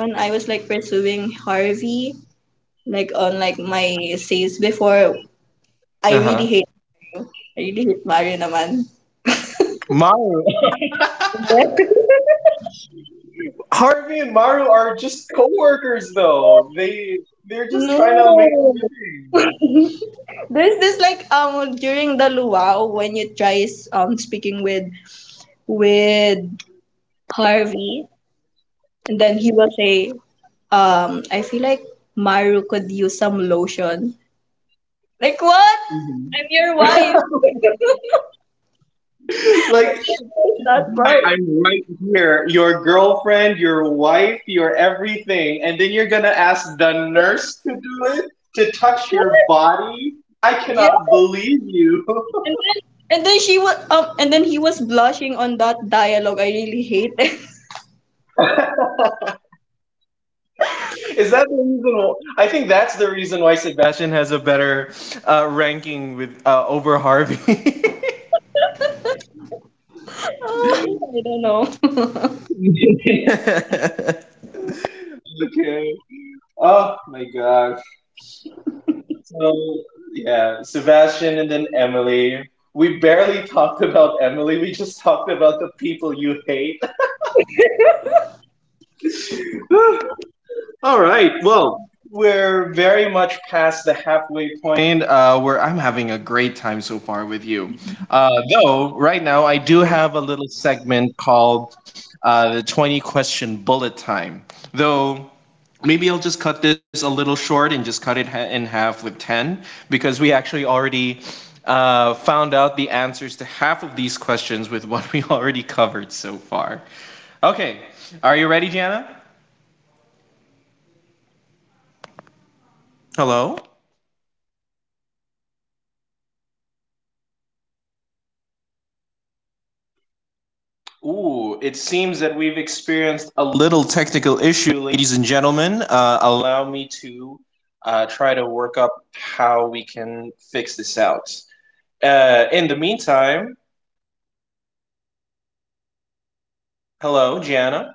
Speaker 2: when I was like pursuing Harvey, like on like my essays before, I really
Speaker 1: Uh-huh.
Speaker 2: hate. I really hate Mario naman.
Speaker 1: Myra. Harvey and Maru are just coworkers, though. They they're just
Speaker 2: No,
Speaker 1: trying to make a living.
Speaker 2: there's this like um during the luau when you tries um speaking with with Harvey, and then he will say um I feel like Maru could use some lotion. Like what?
Speaker 1: Mhm.
Speaker 2: I'm your wife.
Speaker 1: Like
Speaker 2: That part.
Speaker 1: I am right here, your girlfriend, your wife, your everything, and then you're gonna ask the nurse to do it, to touch your body. I
Speaker 2: Yeah.
Speaker 1: cannot believe you.
Speaker 2: And then and then she was um and then he was blushing on that dialogue. I really hate it.
Speaker 1: Is that the reason? wh- I think that's the reason why Sebastian has a better uh, ranking with, uh, over Harvey.
Speaker 2: Oh, I don't know.
Speaker 1: Okay. Oh my god. So, yeah, Sebastian and then Emily. We barely talked about Emily. We just talked about the people you hate. All right. Well, we're very much past the halfway point, uh, where I'm having a great time so far with you. Uh, though, right now, I do have a little segment called, uh, the twenty question bullet time. Though, maybe I'll just cut this a little short and just cut it ha- in half with ten, because we actually already, uh, found out the answers to half of these questions with what we already covered so far. Okay, are you ready, Jana? Hello? Ooh, it seems that we've experienced a little technical issue, ladies and gentlemen. Uh, allow me to, uh, try to work up how we can fix this out. Uh, in the meantime, hello, Jana.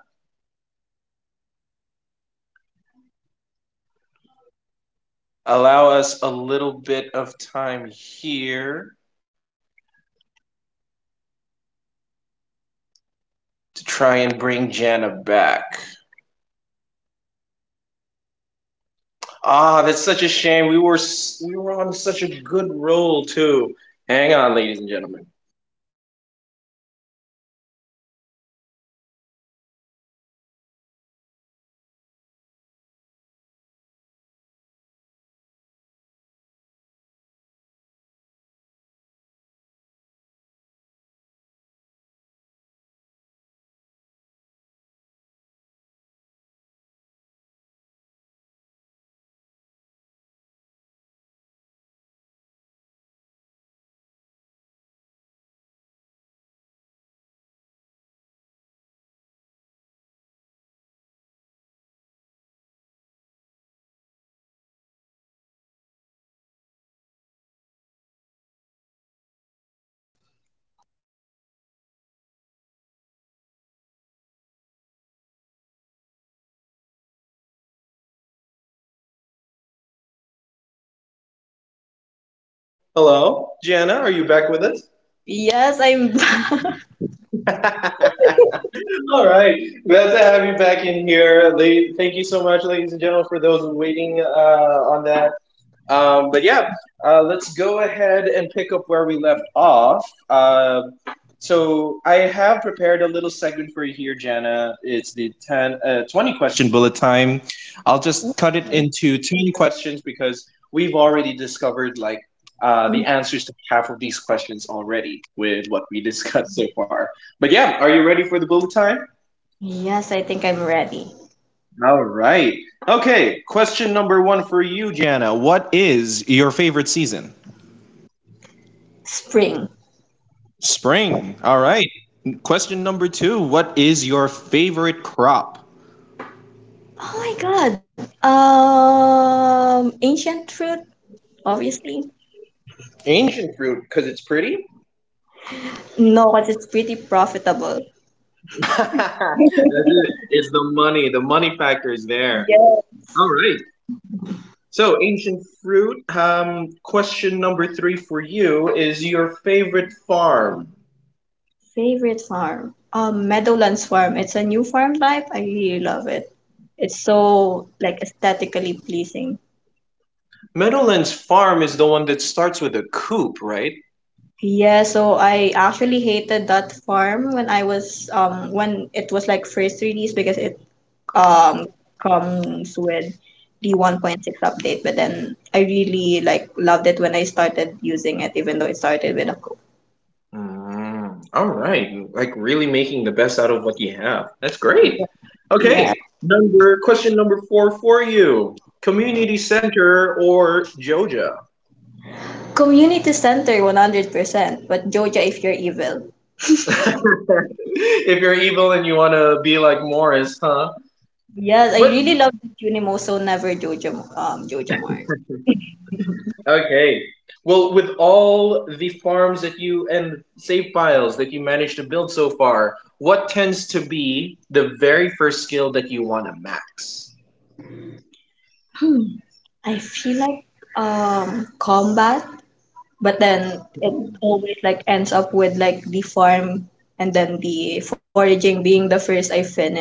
Speaker 1: Allow us a little bit of time here to try and bring Janna back. Ah, that's such a shame. We were we were on such a good roll too. Hang on, ladies and gentlemen. Hello, Janna, are you back with us?
Speaker 2: Yes, I'm back.
Speaker 1: All right, glad to have you back in here. La- Thank you so much, ladies and gentlemen, for those waiting, uh, on that. Um, but yeah, uh, let's go ahead and pick up where we left off. Uh, so I have prepared a little segment for you here, Jana. It's the ten, uh, twenty question bullet time. I'll just cut it into ten questions because we've already discovered, like, uh, the answers to half of these questions already with what we discussed so far. But yeah, are you ready for the bullet time?
Speaker 2: Yes, I think I'm ready.
Speaker 1: All right. Okay. Question number one for you, Jana. What is your favorite season?
Speaker 2: Spring.
Speaker 1: Spring. All right. Question number two. What is your favorite crop?
Speaker 2: Oh my god. Um, ancient fruit, obviously.
Speaker 1: Ancient fruit, because it's pretty.
Speaker 2: No, because it's pretty profitable.
Speaker 1: That's it. It's the money. The money factor is there.
Speaker 2: Yes.
Speaker 1: All right. So, ancient fruit. Um, question number three for you is your favorite farm.
Speaker 2: Favorite farm. Um, Meadowlands Farm. It's a new farm type. I really love it. It's so like aesthetically pleasing.
Speaker 1: Meadowlands Farm is the one that starts with a coop, right?
Speaker 2: Yeah, so I actually hated that farm when I was um when it was like first released because it um comes with the one point six update, but then I really like loved it when I started using it even though it started with a co-
Speaker 1: Mm, all right. Like really making the best out of what you have. That's great.
Speaker 2: yeah
Speaker 1: Okay. Number Question number four for you. Community center or Joja?
Speaker 2: community center one hundred percent but joja if you're evil.
Speaker 1: If you're evil and you want to be like Morris, huh?
Speaker 2: Yes, I
Speaker 1: But
Speaker 2: really love unimo so never joja, um joja mars.
Speaker 1: okay. Well, with all the farms that you and save files that you managed to build so far, what tends to be the very first skill that you want to max?
Speaker 2: I feel like um combat, but then it always like ends up with like the farm and then the foraging being the first I finish.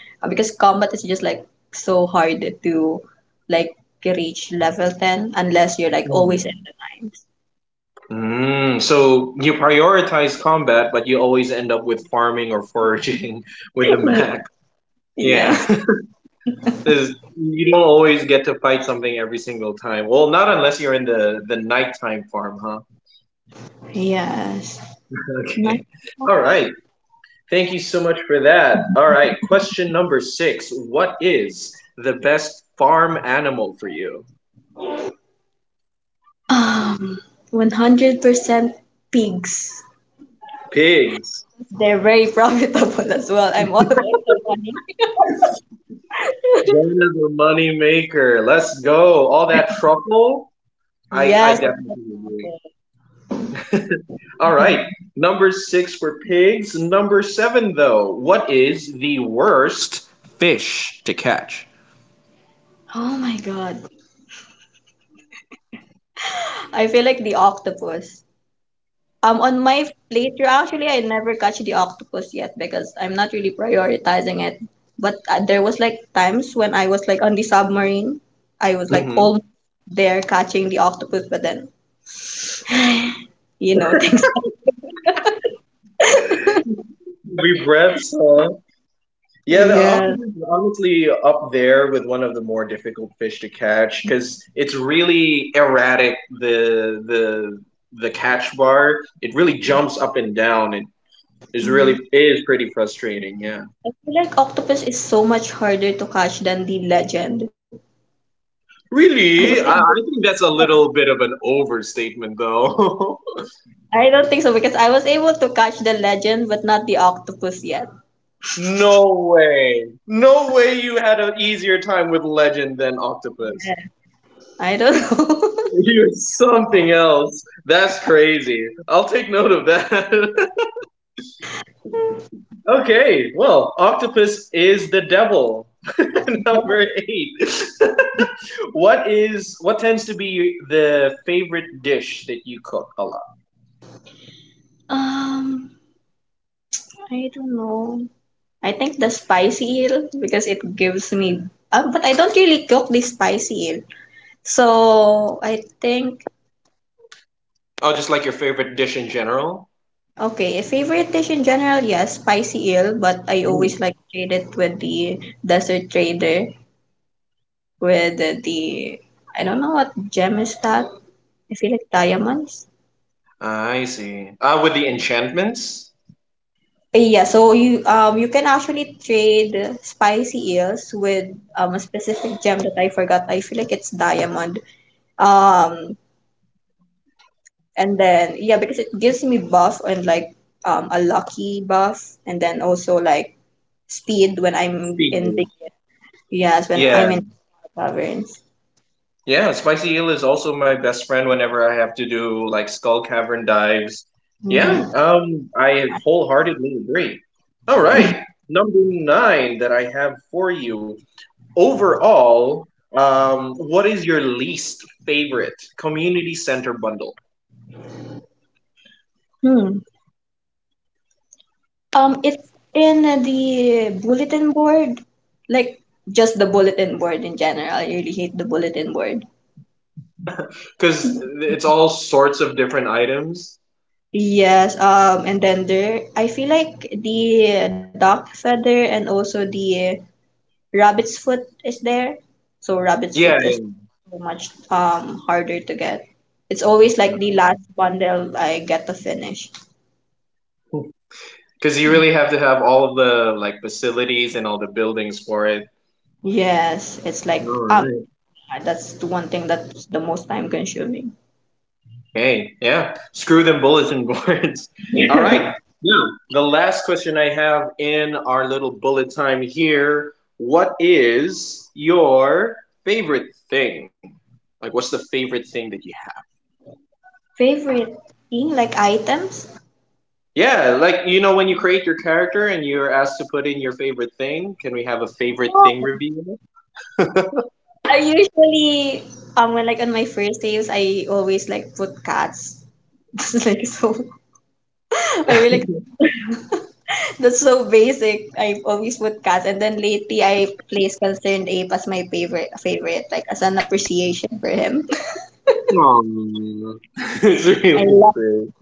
Speaker 2: Uh, because combat is just like so hard to like reach level ten unless you're like always in the nines.
Speaker 1: Mm, so you prioritize combat, but you always end up with farming or foraging with the Mac. Yeah,
Speaker 2: Yes.
Speaker 1: 'cause you don't always get to fight something every single time. Well, not unless you're in the the nighttime farm, huh?
Speaker 2: Yes. Nine.
Speaker 1: Okay. All right. Thank you so much for that. All right. Question number six. What is the best farm animal for you?
Speaker 2: Um, one hundred percent pigs.
Speaker 1: Pigs.
Speaker 2: They're very profitable as well. I'm all about the money.
Speaker 1: Jonah's a money maker. Let's go. All that truffle. I
Speaker 2: Yes.
Speaker 1: I definitely agree. All right. Number six for pigs. Number seven, though. What is the worst fish to catch?
Speaker 2: Oh my God. I feel like the octopus. Um, on my plate, you're actually, I never catch the octopus yet because I'm not really prioritizing it. But uh, there was like times when I was like on the submarine, I was like
Speaker 1: Mm-hmm.
Speaker 2: all there catching the octopus, but then you know things.
Speaker 1: We bred some. Yeah, the
Speaker 2: Yeah,
Speaker 1: octopus is honestly up there with one of the more difficult fish to catch because it's really erratic. The the the catch bar, it really jumps up and down. It is really is pretty frustrating. Yeah,
Speaker 2: I feel like octopus is so much harder to catch than the legend. I was
Speaker 1: really,
Speaker 2: able,
Speaker 1: I, I think that's a little bit of an overstatement, though.
Speaker 2: I don't think so because I was able to catch the legend, but not the octopus yet.
Speaker 1: No way. No way you had an easier time with Legend than Octopus.
Speaker 2: I don't know.
Speaker 1: You are something else. That's crazy. I'll take note of that. Okay, well, Octopus is the devil. Number eight. What is what tends to be the favorite dish that you cook a lot?
Speaker 2: Um, I don't know. I think the spicy eel because it gives me. Uh, but I don't really cook the spicy eel. So I think
Speaker 1: Oh, just like your favorite dish in general?
Speaker 2: okay, a favorite dish in general, yes, spicy eel. But I always
Speaker 1: Mm.
Speaker 2: like trade it with the desert trader with the, the I don't know what gem is that. I feel like diamonds. Uh,
Speaker 1: I see. Ah. Uh, with the enchantments?
Speaker 2: Yeah, so you um you can actually trade spicy eels with um a specific gem that I forgot. I feel like it's diamond um and then yeah, because it gives me buff and like um a lucky buff and then also like speed when I'm
Speaker 1: Speed
Speaker 2: in the
Speaker 1: boost.
Speaker 2: yes, when
Speaker 1: Yeah.
Speaker 2: I'm in taverns.
Speaker 1: Yeah, Spicy Eel is also my best friend whenever I have to do like Skull Cavern dives. Yeah,
Speaker 2: Mm-hmm.
Speaker 1: um, I wholeheartedly agree. All right, number nine that I have for you. Overall, um, what is your least favorite community center bundle?
Speaker 2: Hmm. Um, it's in the bulletin board, like just the bulletin board in general. I really hate the bulletin board.
Speaker 1: Because it's all sorts of different items.
Speaker 2: Yes, um, and then there, I feel like the dark feather and also the rabbit's foot is there. So rabbit's foot
Speaker 1: Yeah,
Speaker 2: is so much um harder to get. It's always like the last bundle I get to finish.
Speaker 1: because you really have to have all of the like facilities and all the buildings for it.
Speaker 2: Yes, it's like um
Speaker 1: All
Speaker 2: that's the one thing that's the most time consuming.
Speaker 1: okay. Yeah. Screw them bulletin boards. All right. Now, the last question I have in our little bullet time here. What is your favorite thing? Like, what's the favorite thing that you have?
Speaker 2: Favorite thing like items?
Speaker 1: Yeah, like, you know, when you create your character and you're asked to put in your favorite thing, can we have a
Speaker 2: Oh,
Speaker 1: favorite thing review?
Speaker 2: I usually um when like on my first days I always like put cats. Just like so I really that's so basic. I always put cats, and then lately I place concerned ape as my favorite favorite, like as an appreciation for him.
Speaker 1: Aww.
Speaker 2: I
Speaker 1: It's really
Speaker 2: love
Speaker 1: great.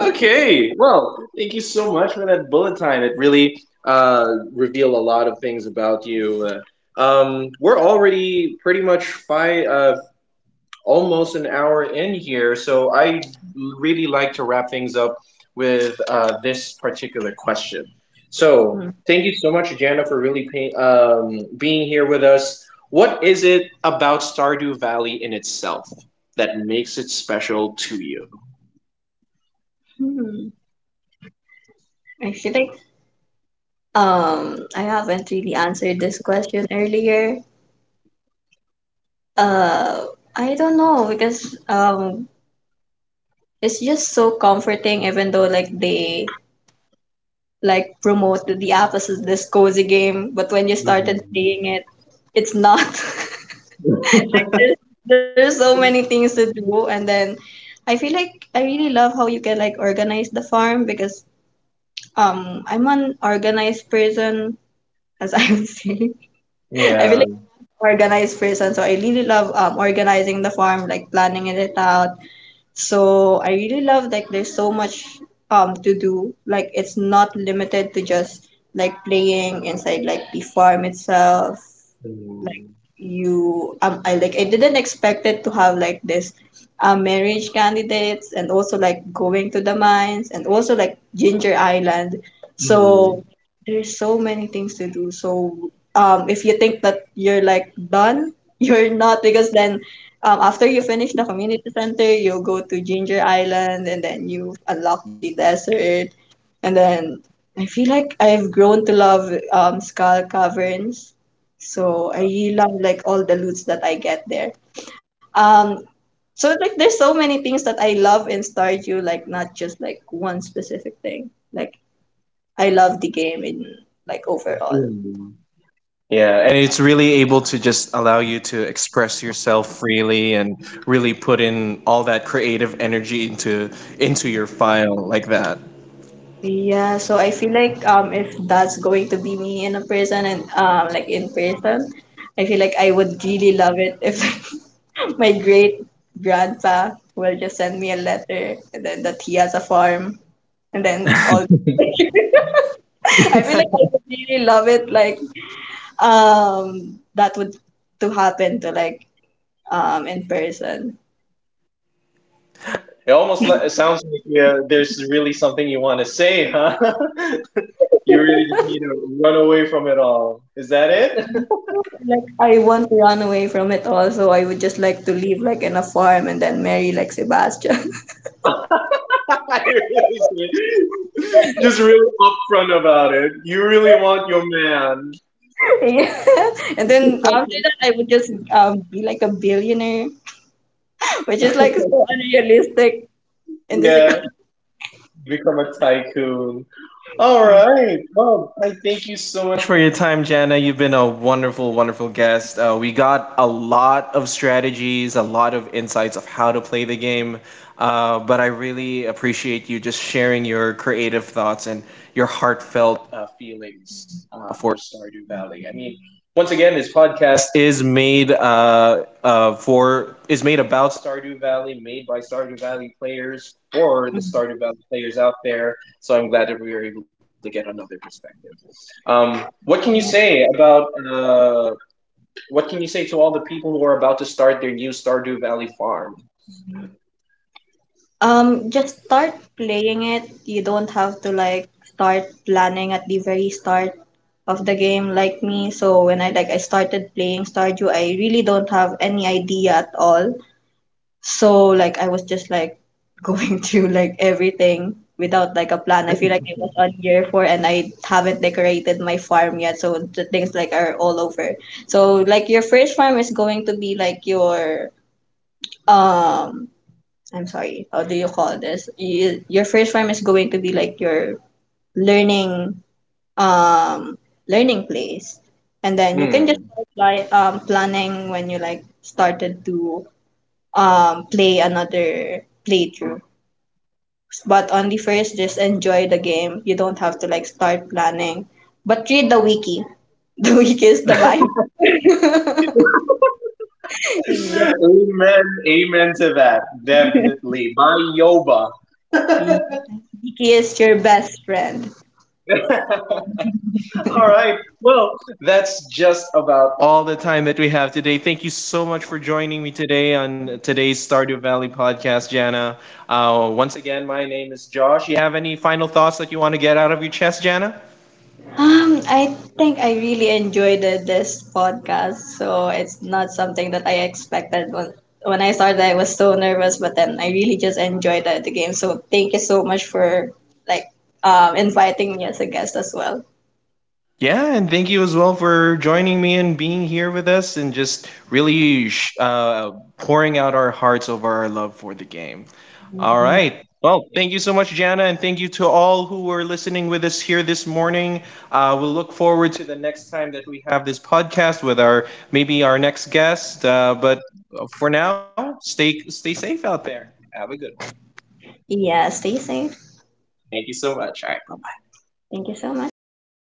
Speaker 1: Okay. Well, thank you so much for that bullet time. It really, uh, revealed a lot of things about you. Uh, um, we're already pretty much five, uh, almost an hour in here, so I really like to wrap things up with, uh, this particular question. So,
Speaker 2: him.
Speaker 1: thank you so much, Jana, for really pay, um, being here with us. What is it about Stardew Valley in itself that makes it special to you?
Speaker 2: Hmm. I feel like um I haven't really answered this question earlier. Uh, I don't know because um it's just so comforting, even though like they like promoted the app as this cozy game, but when you started
Speaker 1: Mhm.
Speaker 2: playing it, it's not. Like there's there's so many things to do, and then I feel like I really love how you can like organize the farm because um I'm an organized person, as I would say. I feel
Speaker 1: Yeah.
Speaker 2: like I'm an organized person. So I really love um, organizing the farm, like planning it out. So I really love like there's so much um to do. Like it's not limited to just like playing inside like the farm itself like
Speaker 1: Mm,
Speaker 2: you um I like I didn't expect it to have like this uh, marriage candidates and also like going to the mines and also like Ginger Island.
Speaker 1: mm,
Speaker 2: So there's so many things to do. So um if you think that you're like done, you're not because then um after you finish the community center, you'll go to Ginger Island and then you unlock the desert and then I feel like I've grown to love um Skull Caverns, so I really love like all the loots that I get there. Um, so like there's so many things that I love in Stardew, like not just like one specific thing. Like I love the game in like overall.
Speaker 1: mm. Yeah, and it's really able to just allow you to express yourself freely and really put in all that creative energy into into your file like that.
Speaker 2: Yeah, so I feel like um if that's going to be me in a person and um like in person, I feel like I would really love it if my great grandpa will just send me a letter and then that he has a farm and then all I feel like I would really love it like um that would to happen to like um in person.
Speaker 1: It almost le- it sounds like, uh, there's really something you want to say, huh? You really just need to run away from it all. Is that it?
Speaker 2: Like I want to run away from it all, so I would just like to live like in a farm and then marry like Sebastian.
Speaker 1: you really should- just really upfront about it. You really want your man,
Speaker 2: Yeah. And then after that I would just um be like a billionaire, which is like so unrealistic in this
Speaker 1: yeah,
Speaker 2: economy.
Speaker 1: become a tycoon. All right. Well, I thank you so much for your time, Jana. You've been a wonderful, wonderful guest. Uh, we got a lot of strategies, a lot of insights of how to play the game. Uh, but I really appreciate you just sharing your creative thoughts and your heartfelt, uh, feelings, uh, for Stardew Valley. I mean, once again, this podcast is made uh, uh, for is made about Stardew Valley, made by Stardew Valley players for the Stardew Valley players out there. So I'm glad that we were able to get another perspective. Um, what can you say about, uh, what can you say to all the people who are about to start their new Stardew Valley farms?
Speaker 2: Um, just start playing it. You don't have to like start planning at the very start of the game like me. So when I like I started playing Stardew, I really don't have any idea at all. So like I was just like going through like everything without like a plan. I feel like I was on year four and I haven't decorated my farm yet. So the things like are all over. So like your first farm is going to be like your um I'm sorry, how do you call this? You, your first farm is going to be like your learning um learning place. And then you can just
Speaker 1: Hmm.
Speaker 2: start by um planning when you like started to um play another playthrough. But on the first just enjoy the game. You don't have to like start planning. But read the wiki. The wiki is the Bible.
Speaker 1: Amen. Amen to that. Definitely. By Yoba.
Speaker 2: Yeah. Wiki is your best friend.
Speaker 1: All right. Well, that's just about all the time that we have today. Thank you so much for joining me today on today's Stardew Valley podcast, Jana. Uh, once again, my name is Josh. You have any final thoughts that you want to get out of your chest, Jana?
Speaker 2: Um, I think I really enjoyed the, this podcast. So it's not something that I expected. When, when I started, I was so nervous, but then I really just enjoyed the, the game. So thank you so much for like um, inviting me as a guest as well.
Speaker 1: Yeah, and thank you as well for joining me and being here with us and just really sh- uh, pouring out our hearts over our love for the game. All right. Well, thank you so much, Jana, and thank you to all who were listening with us here this morning. Uh, we'll look forward to the next time that we have this podcast with our maybe our next guest. Uh, but for now, stay stay safe out there. Have a good one.
Speaker 2: Yeah, stay safe.
Speaker 1: Thank you so much. All right.
Speaker 2: Thank you so much.